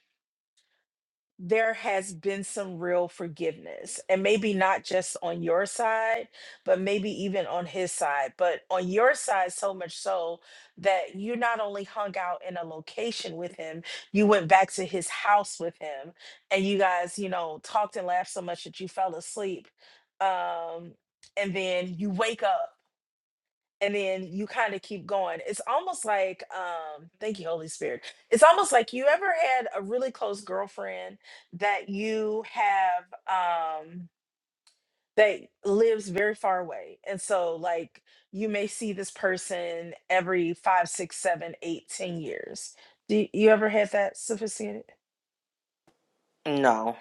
S1: there has been some real forgiveness and maybe not just on your side but maybe even on his side but on your side so much so that you not only hung out in a location with him you went back to his house with him and you guys you know talked and laughed so much that you fell asleep um and then you wake up and then you kind of keep going. It's almost like, um, thank you, Holy Spirit. It's almost like you ever had a really close girlfriend that you have um that lives very far away. And so like you may see this person every five, six, seven, eight, ten years. Do you you ever had that sophisticated?
S7: No.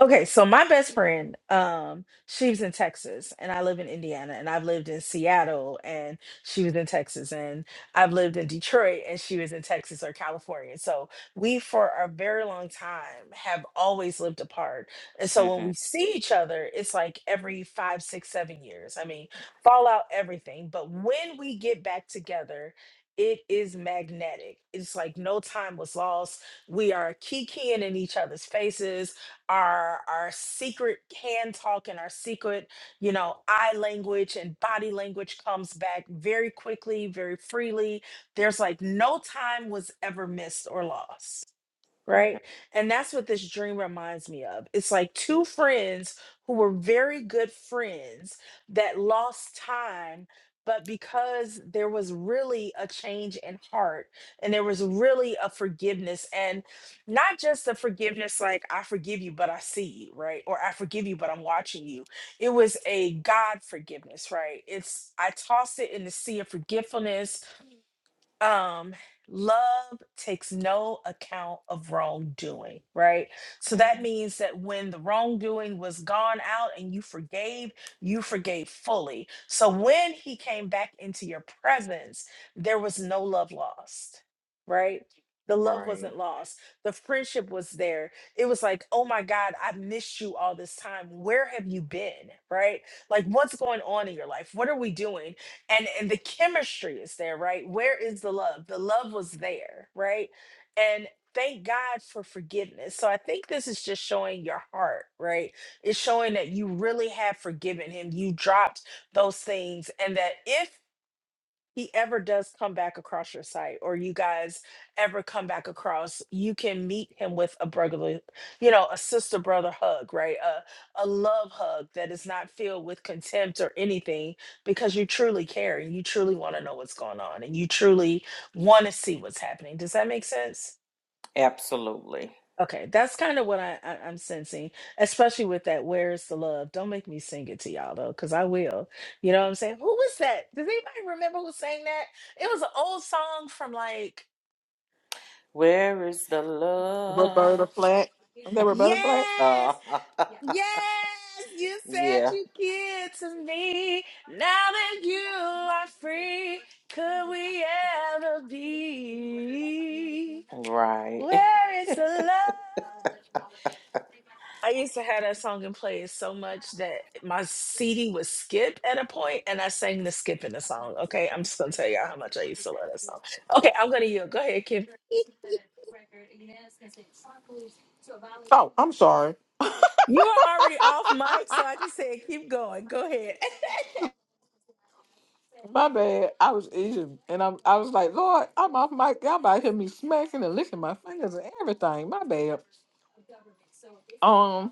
S1: Okay, so my best friend, um, she was in Texas and I live in Indiana and I've lived in Seattle and she was in Texas and I've lived in Detroit and she was in Texas or California. So we for a very long time have always lived apart. And
S7: hmm
S1: so when we see each other, it's like every five, six, seven years. I mean, fallout, everything. But when we get back together, it is magnetic. It's like no time was lost. We are kikiing in each other's faces our our secret hand talk and our secret you know eye language and body language comes back very quickly very freely there's like no time was ever missed or lost
S7: hmm
S1: right? And that's what this dream reminds me of. It's like two friends who were very good friends that lost time, but because there was really a change in heart and there was really a forgiveness, and not just a forgiveness like, I forgive you, but I see you, right? Or I forgive you, but I'm watching you. It was a God forgiveness, right? It's, I tossed it in the sea of forgetfulness um love takes no account of wrongdoing right so that
S7: hmm
S1: means that when the wrongdoing was gone out and you forgave you forgave fully so when he came back into your presence there was no love lost right the love
S7: Right.
S1: wasn't lost the friendship was there it was like oh my god i missed you all this time where have you been right like what's going on in your life what are we doing and and the chemistry is there right where is the love the love was there right and thank god for forgiveness so i think this is just showing your heart right it's showing that you really have forgiven him you dropped those things and that if he ever does come back across your site or you guys ever come back across you can meet him with a brotherly you know a sister brother hug right a, a love hug that is not filled with contempt or anything because you truly care and you truly want to know what's going on and you truly want to see what's happening does that make sense
S7: Absolutely.
S1: Okay, that's kind of what I, I I'm sensing, especially with that "Where's the Love." Don't make me sing it to y'all though, because I will. You know what I'm saying? Who was that? Does anybody remember who sang that? It was an old song from like,
S7: Where is the
S2: Roberta
S7: love?
S2: Flack. They Roberta Flack.
S7: Uh,
S1: yes, yes, you
S7: [laughs]
S1: said
S7: yeah.
S1: you give to me. Now that you are free, could we ever be?
S7: Right. [laughs]
S1: Where is the love? I used to have that song and play it so much that my CD would skip at a point, and I sang the skip in the song. Okay, I'm just gonna tell y'all how much I used to love that song. Okay, I'm gonna yield. Go ahead, Kim.
S2: Oh, I'm sorry.
S1: [laughs] you are already off mic, so I just said keep going. Go ahead. [laughs]
S2: My bad. I was Asian, and I'm. I was like, Lord, I'm off mic. Y'all about to hear me smacking and licking my fingers and everything. My bad. Um,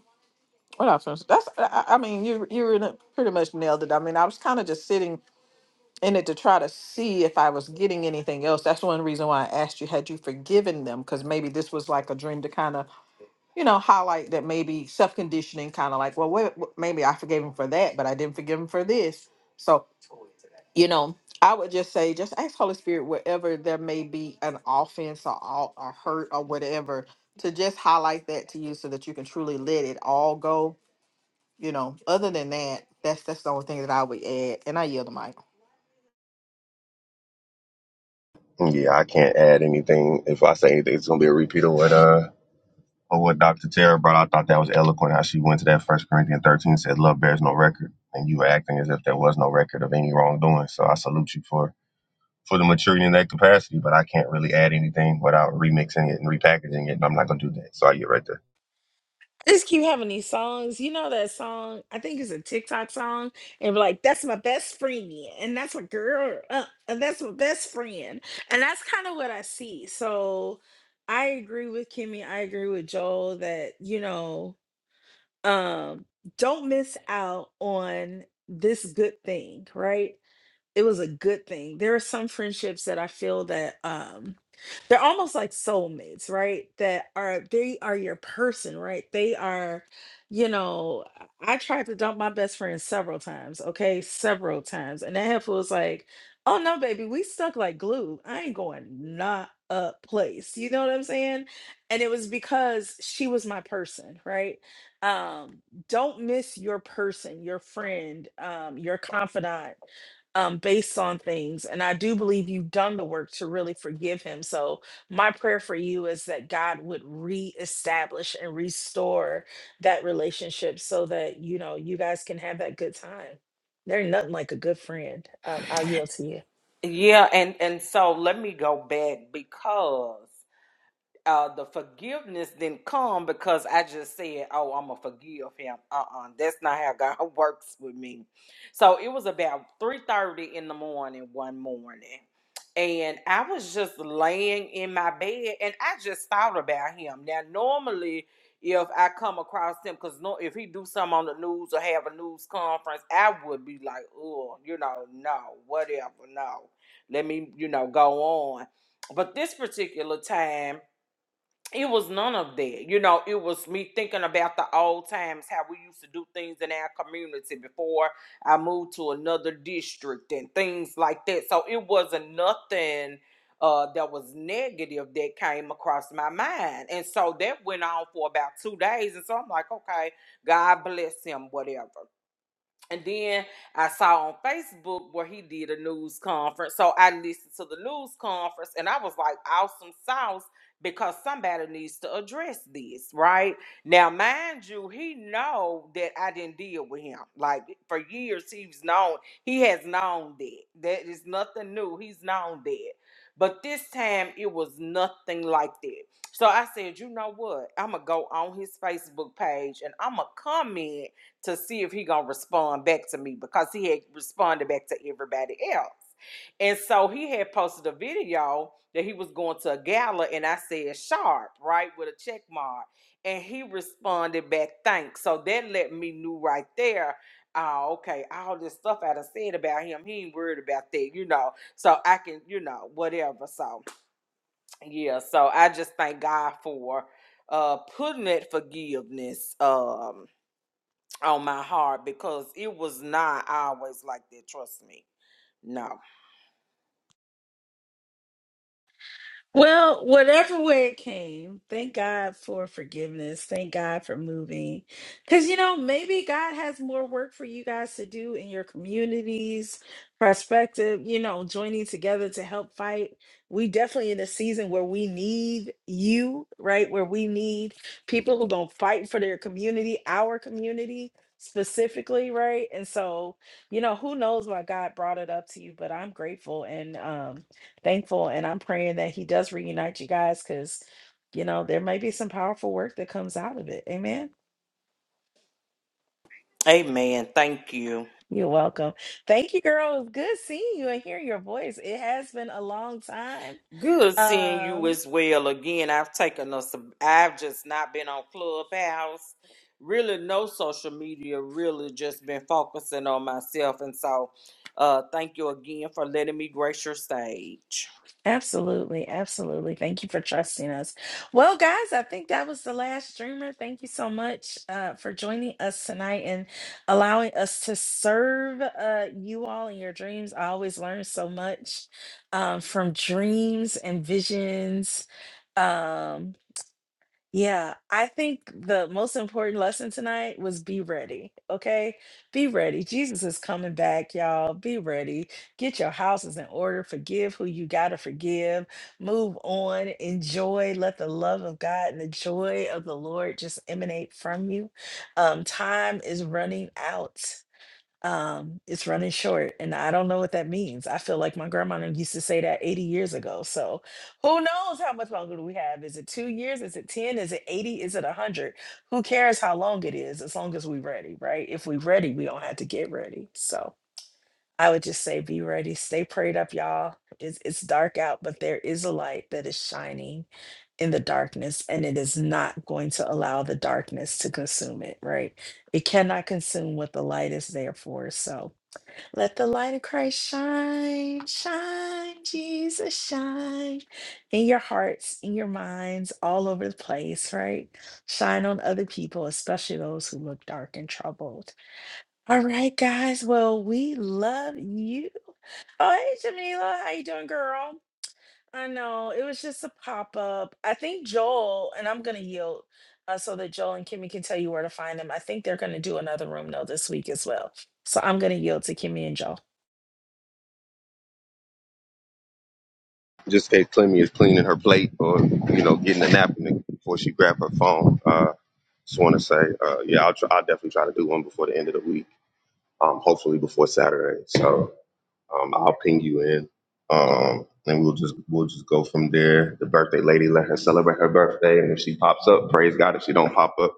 S2: what else? That's. I, I I mean, you you really pretty much nailed it. I mean, I was kind of just sitting in it to try to see if I was getting anything else. That's one reason why I asked you, had you forgiven them? Because maybe this was like a dream to kind of, you know, highlight that maybe self conditioning, kind of like, well, wait, wh- maybe I forgave him for that, but I didn't forgive him for this. So, you know, I would just say, just ask Holy Spirit wherever there may be an offense or, all- or hurt or whatever to just highlight that to you so that you can truly let it all go. You know, other than that, that's that's the only thing that I would add. And I yield the mic.
S3: Yeah, I can't add anything. If I say anything, it's gonna be a repeat of what uh of what Doctor Tara brought. I thought that was eloquent how she went to that First Corinthians 13 said, "Love bears no record," and you were acting as if there was no record of any wrongdoing. So I salute you for for the maturity in that capacity. But I can't really add anything without remixing it and repackaging it, and I'm not gonna do that. So I get right there.
S1: just keep having these songs. You know that song? I think it's a TikTok song, and be like that's my best friend, and that's my girl, uh, and that's my best friend, and that's kind of what I see. So I agree with Kimmy. I agree with Joel that you know, um, don't miss out on this good thing, right? it was a good thing. There are some friendships that I feel that um they're almost like soulmates, right? That are they are your person, right? They are, you know, I I tried to dump my best friend several times, okay? Several times. And that heifer was like, oh no, baby, we stuck like glue. I ain't going not a place. You know what I'm saying? And it was because she was my person, right? Um, don't miss your person, your friend, um, your confidant um, based on things. And I do believe you've done the work to really forgive him. So, my prayer for you is that God would reestablish and restore that relationship so that, you know, you guys can have that good time. There's nothing like a good friend. Um, I'll yield to you.
S7: Yeah, and and so let me go back because uh, the forgiveness didn't come because I just said, "Oh, I'm gonna forgive him." Uh-uh, that's not how God [laughs] works with me. So it was about three thirty in the morning one morning, and I was just laying in my bed, and I just thought about him. Now, normally, if I come across him, because no, if he do something on the news or have a news conference, I would be like, "Oh, you know, no, whatever, no." Let me, you know, go on. But this particular time it was none of that. You know, it was me thinking about the old times, how we used to do things in our community before I moved to another district and things like that. So it wasn't nothing uh, that was negative that came across my mind. And so that went on for about two days. And so I'm like, okay, God bless him, whatever. And then I saw on Facebook where he did a news conference. So I listened to the news conference and I was like, awesome sauce, because somebody needs to address this, right? Now, mind you, he know that I didn't deal with him. Like for years, he was known, he has known that. That is nothing new. He's known that. But this time it was nothing like that. So I said, you know what? I'ma go on his Facebook page and I'ma comment to see if he gonna respond back to me because he had responded back to everybody else. And so he had posted a video that he was going to a gala and I said sharp, right, with a check mark. And he responded back, thanks. So that let me knew right there, oh, okay, all this stuff I done said about him, he ain't worried about that, you know. So I can, you know, whatever. So yeah, so I just thank God for uh putting that forgiveness. Um on my heart because it was not always like that. Trust me. No.
S1: Well, whatever way it came, thank God for forgiveness. Thank God for moving. Because, you know, maybe God has more work for you guys to do in your communities, perspective, you know, joining together to help fight. We definitely in a season where we need you, right? Where we need people who going to fight for their community, our community specifically, right? And so, you know, who knows why God brought it up to you, but I'm grateful. And, um, thankful and I'm praying that he does reunite you guys because you know there may be some powerful work that comes out of it. Amen.
S7: Amen. Thank you.
S1: You're welcome. Thank you, girl. It was good seeing you and hearing your voice. It has been a long time.
S7: Good seeing you
S1: Um,
S7: as well. Again, I've taken us. I've just not been on Clubhouse. Really, no social media. Really, just been focusing on myself. And so, uh, thank you again for letting me grace your stage.
S1: Absolutely, absolutely. Thank you for trusting us. Well, guys, I think that was the last streamer. Thank you so much uh, for joining us tonight and allowing us to serve uh, you all in your dreams. I always learn so much um, from dreams and visions. Um, yeah, I think the most important lesson tonight was be ready, okay? Be ready. Jesus is coming back, y'all. Be ready. Get your houses in order. Forgive who you got to forgive. Move on. Enjoy. Let the love of God and the joy of the Lord just emanate from you. Um, time is running out um it's running short and i don't know what that means i feel like my grandma used to say that 80 years ago so who knows how much longer do we have is it two years is it 10 is it 80 is it 100 who cares how long it is as long as we're ready right if we're ready we don't have to get ready so I would just say be ready, stay prayed up, y'all. It's, it's dark out, but there is a light that is shining in the darkness, and it is not going to allow the darkness to consume it, right? It cannot consume what the light is there for. So let the light of Christ shine, shine, Jesus, shine in your hearts, in your minds, all over the place, right? Shine on other people, especially those who look dark and troubled. All right, guys. Well, we love you. Oh, hey, Jamila. How you doing, girl? I know. It was just a pop-up. I think Joel, and I'm gonna yield uh, so that Joel and Kimmy can tell you where to find them. I think they're gonna do another room though this week as well. So I'm gonna yield to Kimmy and Joel.
S3: Just in case Clemmy is cleaning her plate or, you know, getting a nap in the, before she grabbed her phone. Uh, just want to say, uh, yeah, I'll, try, I'll definitely try to do one before the end of the week. Um, hopefully before Saturday. So um, I'll ping you in, um, and we'll just we'll just go from there. The birthday lady, let her celebrate her birthday, and if she pops up, praise God. If she don't pop up,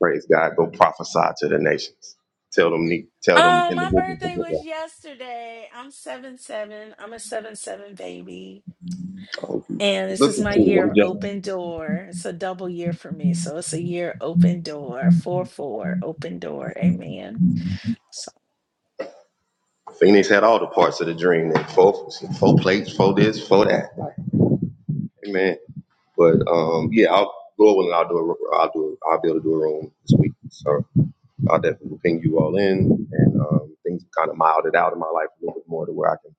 S3: praise God. Go prophesy to the nations. Tell them, ne- tell them
S1: Oh, my birthday was
S3: individuals.
S1: yesterday. I'm seven seven. I'm a seven seven baby. And this
S3: Look at
S1: is my year of
S3: you,
S1: open door. It's a double year for me. So it's a year open door. Four four open door. Amen. So
S3: Phoenix had all the parts of the dream. Then four, four plates, four this, four that. Amen. But um, yeah, I'll go over and I'll do a, ro- I'll do, a, I'll be able to do a room this week. So I'll definitely ping you all in, and um, things kind of mild it out in my life a little bit more to where I can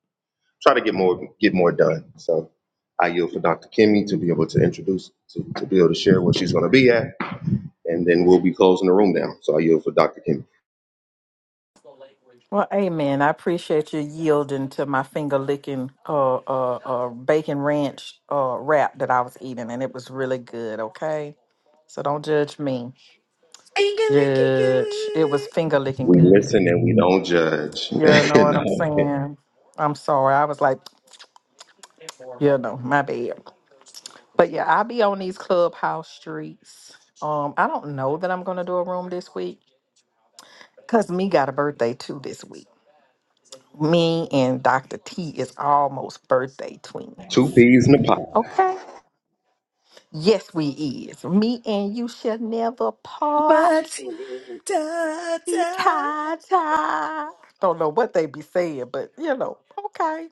S3: try to get more, get more done. So I yield for Dr. Kimmy to be able to introduce, to, to be able to share where she's going to be at, and then we'll be closing the room down. So I yield for Dr. Kimmy.
S2: Well, amen. I appreciate you yielding to my finger licking uh, uh, uh, bacon ranch uh, wrap that I was eating, and it was really good, okay? So don't judge me. Judge. It was finger licking
S3: We
S2: good.
S3: listen and we don't judge.
S2: You
S3: [laughs]
S2: know
S3: You
S2: what
S3: know?
S2: I'm saying? I'm sorry. I was like, you know, my bad. But yeah, I'll be on these clubhouse streets. Um, I don't know that I'm going to do a room this week because me got a birthday too this week. Me and Dr. T is almost birthday
S3: Two
S2: twins.
S3: peas in a pod.
S2: Okay. Yes, we is. Me and you shall never part.
S1: Matilda.
S2: Ta ta. Don't know what they be saying, but you know, okay.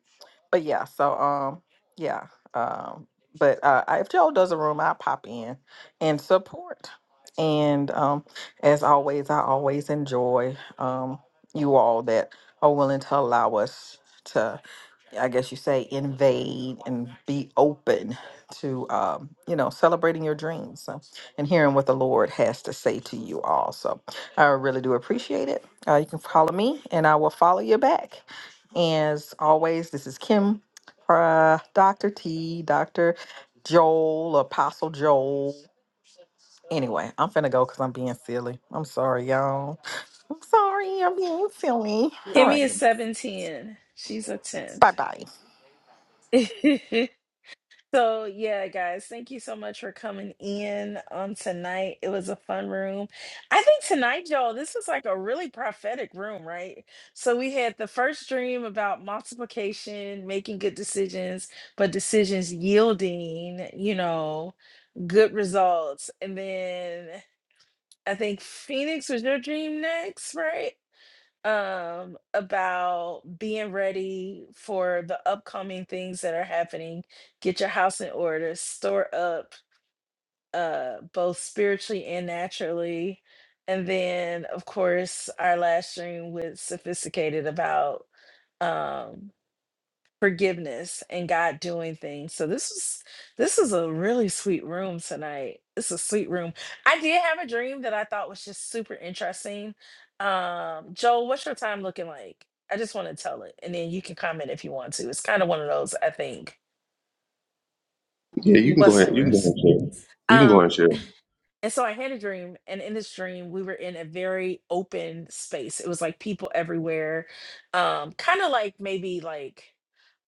S2: But yeah, so um, yeah, um, but uh, I- if Joe does a room, I pop in and support. And um, as always, I always enjoy um you all that are willing to allow us to. I guess you say, invade and be open to, um, you know, celebrating your dreams so, and hearing what the Lord has to say to you all. So I really do appreciate it. Uh, you can follow me and I will follow you back. As always, this is Kim, uh, Dr. T, Dr. Joel, Apostle Joel. Anyway, I'm finna go because I'm being silly. I'm sorry, y'all. I'm sorry, I'm being silly. All
S1: Give
S2: right,
S1: me a seven ten. She's a
S2: bye
S1: tenth.
S2: bye.
S1: [laughs] So yeah, guys, thank you so much for coming in on tonight. It was a fun room. I think tonight, y'all, this was like a really prophetic room, right? So we had the first dream about multiplication, making good decisions, but decisions yielding, you know, good results. And then I think Phoenix was your dream next, right? um about being ready for the upcoming things that are happening get your house in order store up uh both spiritually and naturally and then of course our last stream was sophisticated about um forgiveness and God doing things. So this was this is a really sweet room tonight. It's a sweet room. I did have a dream that I thought was just super interesting. Um, Joel, what's your time looking like? I just want to tell it, and then you can comment if you want to. It's kind of one of those I think.
S3: Yeah, you can go
S1: What's
S3: ahead. You can go ahead
S1: numbers?
S3: and share. You can go ahead
S1: And so I had a dream, and in this dream, we were in a very open space. It was like people everywhere, um, kind of like maybe like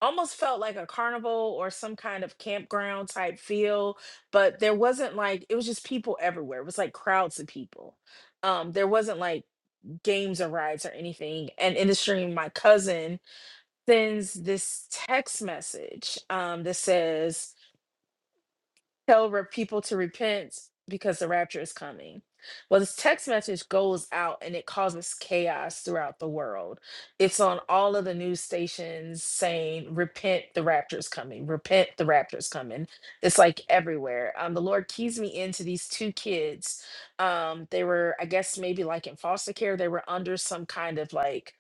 S1: almost felt like a carnival or some kind of campground type feel, but there wasn't like it was just people everywhere. It was like crowds of people. Um, there wasn't like games or rides or anything. And in the stream, my cousin sends this text message um, that says, tell re- people to repent because the rapture is coming. Well, this text message goes out and it causes chaos throughout the world. It's on all of the news stations saying, Repent, the rapture is coming. Repent, the rapture is coming. It's like everywhere. Um, the Lord keys me into these two kids. Um, they were, I guess, maybe like in foster care. They were under some kind of like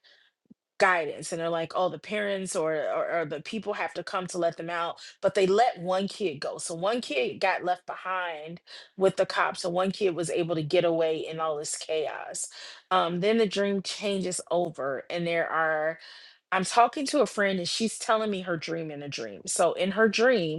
S1: guidance and they're like oh the parents or, or or the people have to come to let them out but they let one kid go so one kid got left behind with the cops and one kid was able to get away in all this chaos um then the dream changes over and there are i'm talking to a friend and she's telling me her dream in a dream so in her dream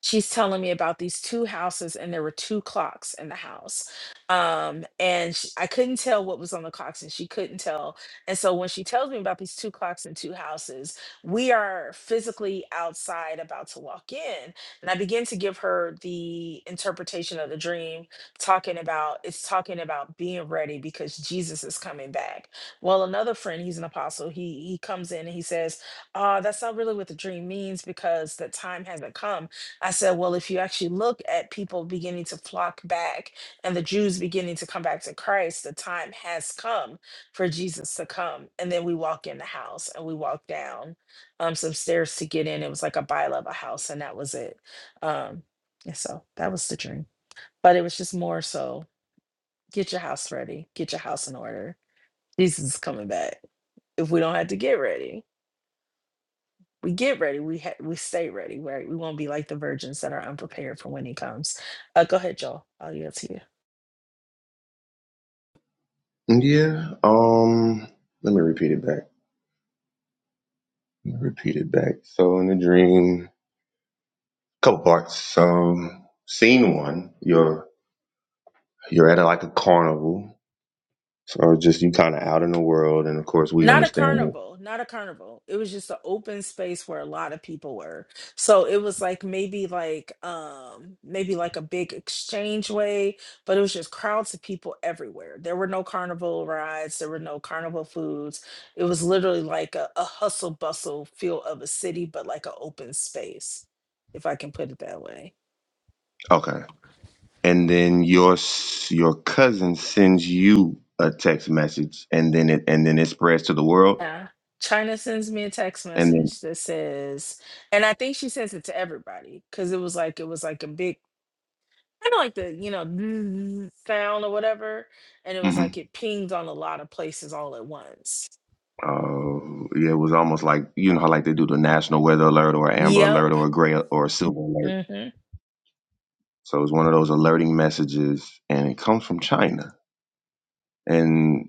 S1: she's telling me about these two houses and there were two clocks in the house um and sh i couldn't tell what was on the clocks and she couldn't tell and so when she tells me about these two clocks and two houses we are physically outside about to walk in and i begin to give her the interpretation of the dream talking about it's talking about being ready because jesus is coming back well another friend he's an apostle he he comes in and he says "Ah, that's not really what the dream means because the time hasn't come I said, well, if you actually look at people beginning to flock back and the Jews beginning to come back to Christ, the time has come for Jesus to come. And then we walk in the house and we walk down um, some stairs to get in. It was like a bi level house, and that was it. Um, and so that was the dream. But it was just more so get your house ready, get your house in order. Jesus is coming back if we don't have to get ready we get ready. We ha- we stay ready, right? We won't be like the virgins that are unprepared for when he comes. Uh, go ahead, Joel. I'll yield to you.
S3: and share. Yeah. Um. Let me repeat it back. Let me Repeat it back. So in the dream, couple parts. Um. Scene one. You're you're at like a carnival. So just you kind of out in the world, and of course we
S1: Not a
S3: understand.
S1: carnival, not a carnival. It was just an open space where a lot of people were. So it was like maybe like um maybe like a big exchange way, but it was just crowds of people everywhere. There were no carnival rides, there were no carnival foods. It was literally like a, a hustle bustle feel of a city, but like an open space, if I can put it that way.
S3: Okay. And then your s- your cousin sends you a text message, and then it and then it spreads to the world,
S1: Yeah. China sends me a text
S3: and then.
S1: message that says, and I think she sends it to everybody because it was like it was like a big kind of like the you know [tsk] sound or whatever, and it was
S3: mm-hmm.
S1: like it pinged on a lot of places all at once.
S3: Uh, yeah, it was almost like you know how like they do the national weather alert or amber alert
S1: Yep.
S3: or a gray or a silver alert. So it was one of those alerting messages, and it comes from China, and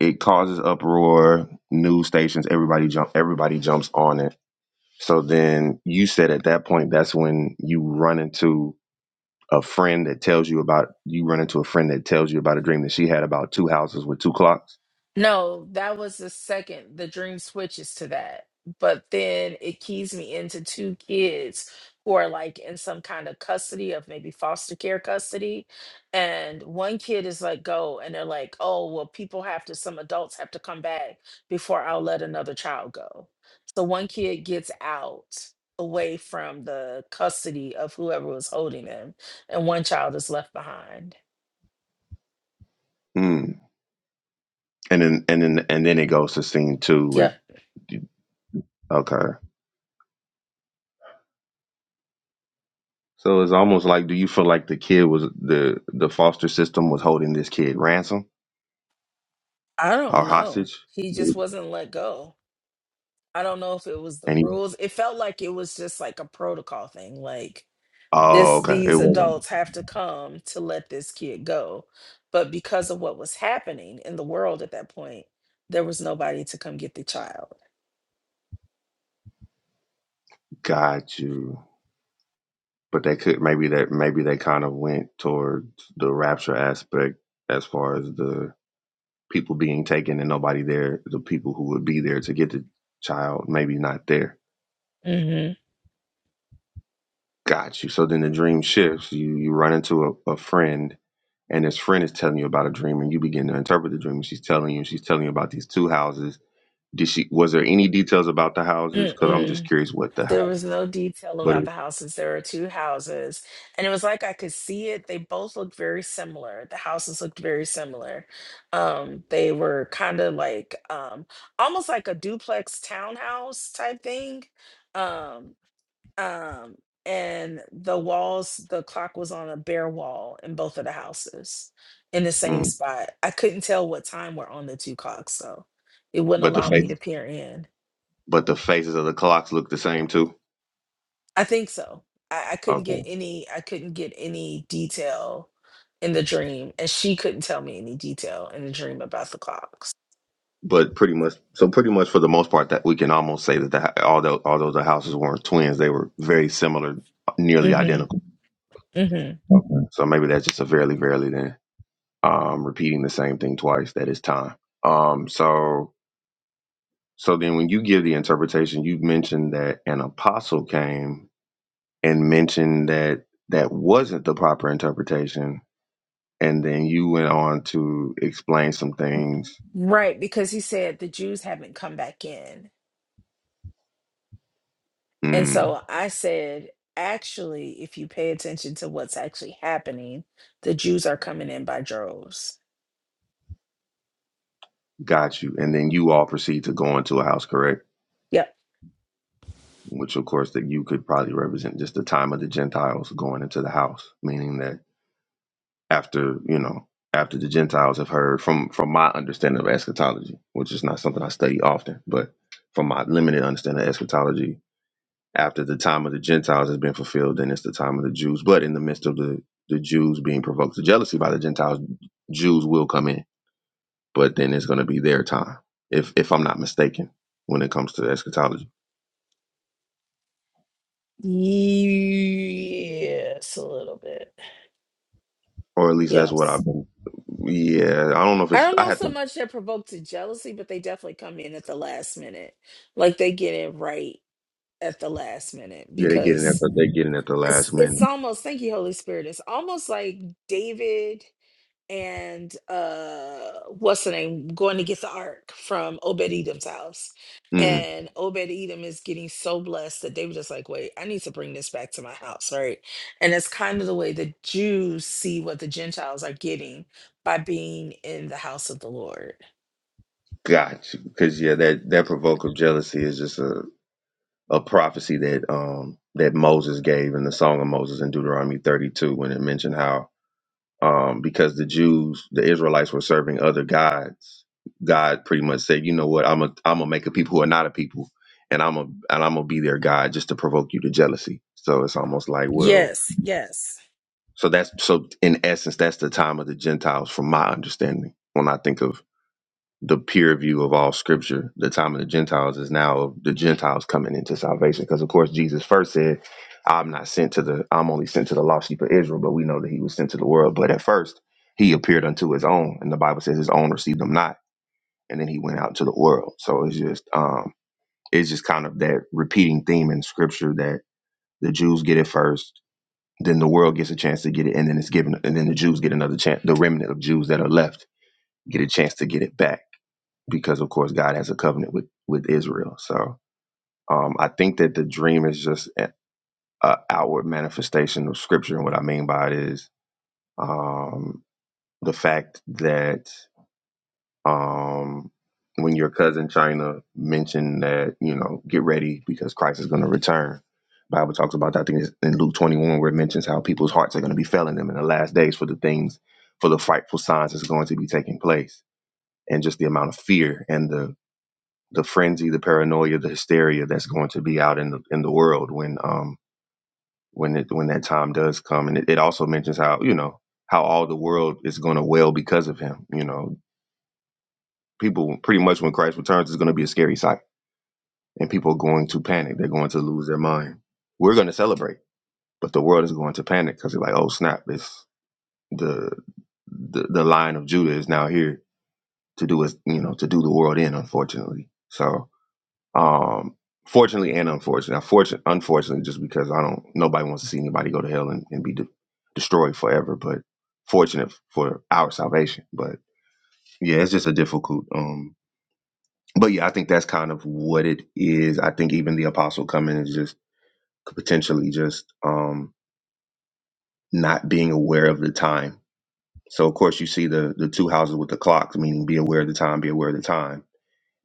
S3: it causes uproar. News stations, everybody jump, everybody jumps on it. So then you said at that point, that's when you run into a friend that tells you about you run into a friend that tells you about a dream that she had about two houses with two clocks.
S1: No, that was the second. The dream switches to that. But then it keys me into two kids who are like in some kind of custody of maybe foster care custody. And one kid is like, go. And they're like, oh, well, people have to, some adults have to come back before I'll let another child go. So one kid gets out away from the custody of whoever was holding them, and one child is left behind.
S3: Hmm. And then and then and then it goes to scene two with
S1: Yep.
S3: okay. So it's almost like, do you feel like the kid was the the foster system was holding this kid ransom
S1: I
S3: or
S1: don't know.
S3: hostage?
S1: He just wasn't let go. I don't know if it was the
S3: And he,
S1: rules. It felt like it was just like a protocol thing. Like
S3: oh,
S1: this
S3: okay, it
S1: these
S3: wasn't.
S1: adults have to come to let this kid go. But because of what was happening in the world at that point, there was nobody to come get the child.
S3: Got you. But they could maybe that maybe they kind of went towards the rapture aspect as far as the people being taken and nobody there, the people who would be there to get the child, maybe not there.
S1: mm
S3: Got you. So then the dream shifts. You you run into a, a friend and his friend is telling you about a dream and you begin to interpret the dream and she's telling you she's telling you about these two houses did she was there any details about the houses because i'm
S1: Mm-mm.
S3: just curious what the
S1: There
S3: house
S1: was no detail
S3: but
S1: about the houses. There were two houses. And it was like I could see it. They both looked very similar. The houses looked very similar. Um, they were kind of like um almost like a duplex townhouse type thing. Um, um, and the walls, the clock was on a bare wall in both of the houses in the same
S3: mm,
S1: spot. I couldn't tell what time were on the two clocks, so it wouldn't
S3: but the
S1: allow me
S3: face
S1: to peer in.
S3: but the faces of the clocks look the same too
S1: I think so. I, I couldn't get
S3: okay
S1: any I couldn't get any detail in the dream. And she couldn't tell me any detail in the dream about the clocks.
S3: but pretty much so pretty much for the most part that we can almost say that the, although although the houses weren't twins they were very similar nearly
S1: hmm
S3: identical
S1: hmm
S3: okay. so maybe that's just a fairly fairly then um repeating the same thing twice that is time um so So then when you give the interpretation, you mentioned that an apostle came and mentioned that that wasn't the proper interpretation. And then you went on to explain some things.
S1: Right, because he said the Jews haven't come back in. And
S3: Mm,
S1: so I said, actually, if you pay attention to what's actually happening, the Jews are coming in by droves.
S3: got you. And then you all proceed to go into a house, correct?
S1: Yep.
S3: Which, of course, that you could probably represent just the time of the Gentiles going into the house, meaning that after, you know, after the Gentiles have heard from from my understanding of eschatology, which is not something I study often, but from my limited understanding of eschatology, after the time of the Gentiles has been fulfilled, then it's the time of the Jews. But in the midst of the, the Jews being provoked to jealousy by the Gentiles, Jews will come in. But then it's going to be their time, if if I'm not mistaken, when it comes to eschatology,
S1: Yes, a little bit.
S3: or at least that's what
S1: Yes.
S3: I've been. Yeah, I don't know if
S1: I
S3: it's.
S1: don't
S3: I
S1: know
S3: had
S1: so
S3: to.
S1: much they're provoked to jealousy, but they definitely come in at the last minute. Like they get it right at the last minute
S3: Yeah, they get in at
S1: because
S3: the, they get in at the
S1: it's
S3: last
S1: it's
S3: minute.
S1: almost thank you, Holy Spirit. It's almost like David and uh what's the name going to get the ark from Obed Edom's house.
S3: Mm,
S1: And Obed Edom is getting so blessed that they were just like, wait, I need to bring this back to my house, right? And it's kind of the way the Jews see what the Gentiles are getting by being in the house of the Lord.
S3: gotcha. Because yeah, that that provoke of jealousy is just a a prophecy that um that Moses gave in the Song of Moses in Deuteronomy 32 when it mentioned how um, because the Jews, the Israelites, were serving other gods. God pretty much said, "You know what? I'm a I'm gonna make a people who are not a people, and I'm a and I'm gonna be their God just to provoke you to jealousy." So it's almost like, well,
S1: Yes, yes.
S3: so that's so in essence, that's the time of the Gentiles, from my understanding. When I think of the peer view of all scripture. The time of the Gentiles is now the Gentiles coming into salvation. Because of course Jesus first said, I'm not sent to the I'm only sent to the lost sheep of Israel, but we know that he was sent to the world. But at first he appeared unto his own, and the Bible says his own received him not, and then he went out to the world. So it's just um it's just kind of that repeating theme in scripture that the Jews get it first, then the world gets a chance to get it, and then it's given and then the Jews get another chance, the remnant of Jews that are left get a chance to get it back because of course God has a covenant with with Israel. So um, I think that the dream is just an outward manifestation of Scripture, and what I mean by it is um, the fact that um, when your cousin China mentioned that you know get ready because Christ is going to return. Bible talks about that. I think it's in Luke 21 where it mentions how people's hearts are going to be failing them in the last days for the things, for the frightful signs that's going to be taking place, and just the amount of fear and the the frenzy, the paranoia, the hysteria that's going to be out in the in the world when um when it when that time does come. And it, it also mentions how, you know, how all the world is gonna wail because of him. You know, people pretty much when Christ returns is gonna be a scary sight. And people are going to panic. They're going to lose their mind. We're gonna celebrate, but the world is going to panic because they're like, oh snap, it's the the the line of Judah is now here to do us, you know, to do the world in, unfortunately. So Um, fortunately and unfortunately, unfortunately, unfortunately, just because I don't, nobody wants to see anybody go to hell and, and be de- destroyed forever. But fortunate for our salvation. But yeah, it's just a difficult. Um, but yeah, I think that's kind of what it is. I think even the apostle coming is just potentially just um not being aware of the time. So of course you see the the two houses with the clocks, meaning be aware of the time, be aware of the time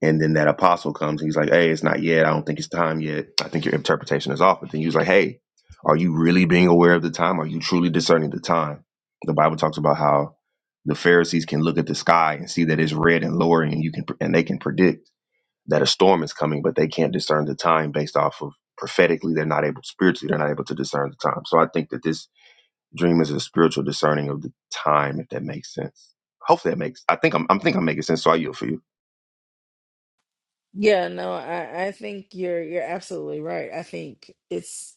S3: And then that apostle comes and he's like, Hey, it's not yet. I don't think it's time yet. I think your interpretation is off. But then he was like, Hey, are you really being aware of the time? Are you truly discerning the time? The Bible talks about how the Pharisees can look at the sky and see that it's red and lowering, and you can and they can predict that a storm is coming, but they can't discern the time based off of prophetically, they're not able spiritually, they're not able to discern the time. So I think that this dream is a spiritual discerning of the time, if that makes sense. Hopefully that makes I think I'm I am think I'm making sense. So I yield for you.
S1: Yeah, no, I, I think you're you're absolutely right. I think it's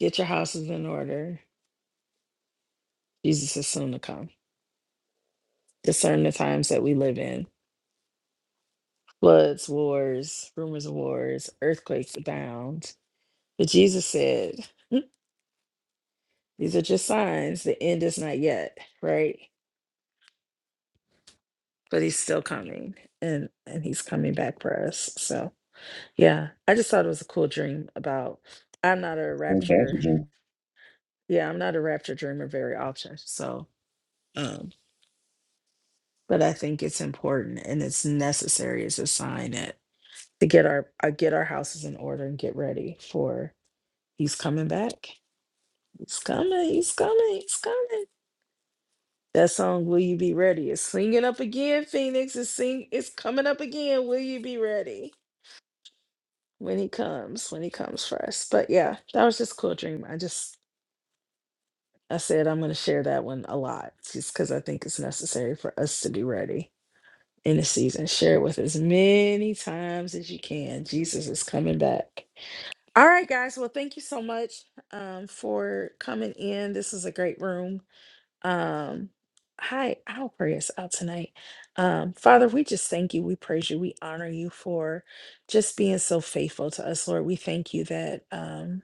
S1: get your houses in order. Jesus is soon to come. Discern the times that we live in. Floods, wars, rumors of wars, earthquakes abound. But Jesus said, [laughs] these are just signs. The end is not yet, right? But he's still coming and and he's coming back for us. So yeah. I just thought it was a cool dream about I'm not a rapture Yeah, I'm not a rapture dreamer very often. So, um, but I think it's important and it's necessary as a sign that to get our uh, get our houses in order and get ready for he's coming back. He's coming. He's coming. He's coming. That song, "Will You Be Ready," is singing up again. Phoenix is sing. It's coming up again. Will you be ready when he comes? When he comes for us. But yeah, that was just a cool dream. I just I said I'm going to share that one a lot just because I think it's necessary for us to be ready in the season. Share it with as many times as you can. Jesus is coming back. All right, guys. Well, thank you so much um, for coming in. This is a great room. Um, hi, I'll pray us out tonight. Um, Father, we just thank you. We praise you. We honor you for just being so faithful to us, Lord. We thank you that. um,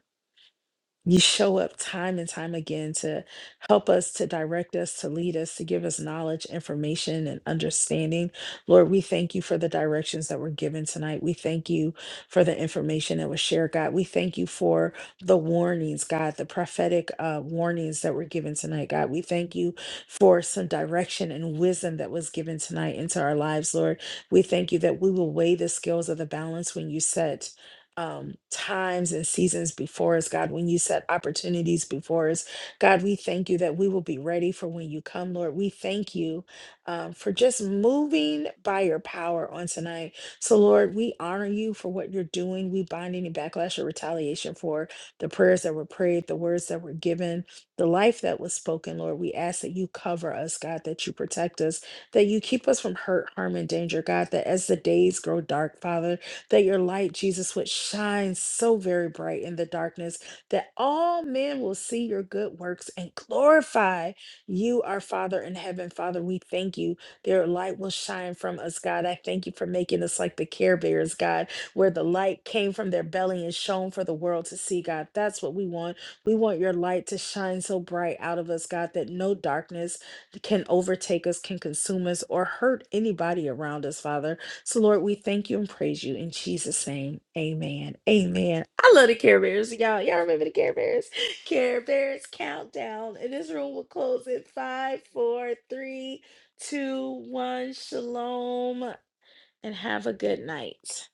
S1: you show up time and time again to help us, to direct us, to lead us, to give us knowledge, information, and understanding. Lord, we thank you for the directions that were given tonight. We thank you for the information that was shared, God. We thank you for the warnings, God, the prophetic uh, warnings that were given tonight, God. We thank you for some direction and wisdom that was given tonight into our lives, Lord. We thank you that we will weigh the scales of the balance when you set um, times and seasons before us, God, when you set opportunities before us. God, we thank you that we will be ready for when you come, Lord. We thank you um, for just moving by your power on tonight. So, Lord, we honor you for what you're doing. We bind any backlash or retaliation for the prayers that were prayed, the words that were given, the life that was spoken, Lord. We ask that you cover us, God, that you protect us, that you keep us from hurt, harm, and danger, God, that as the days grow dark, Father, that your light, Jesus, would shine so very bright in the darkness that all men will see your good works and glorify you, our Father in heaven. Father, we thank you. Their light will shine from us, God. I thank you for making us like the Care Bears, God, where the light came from their belly and shone for the world to see, God. That's what we want. We want your light to shine so bright out of us, God, that no darkness can overtake us, can consume us, or hurt anybody around us, Father. So, Lord, we thank you and praise you in Jesus' name. Amen. Amen. I love the Care Bears, y'all. Y'all remember the Care Bears? [laughs] Care Bears countdown. And this room will close at five, four, three, two, one. Shalom, and have a good night.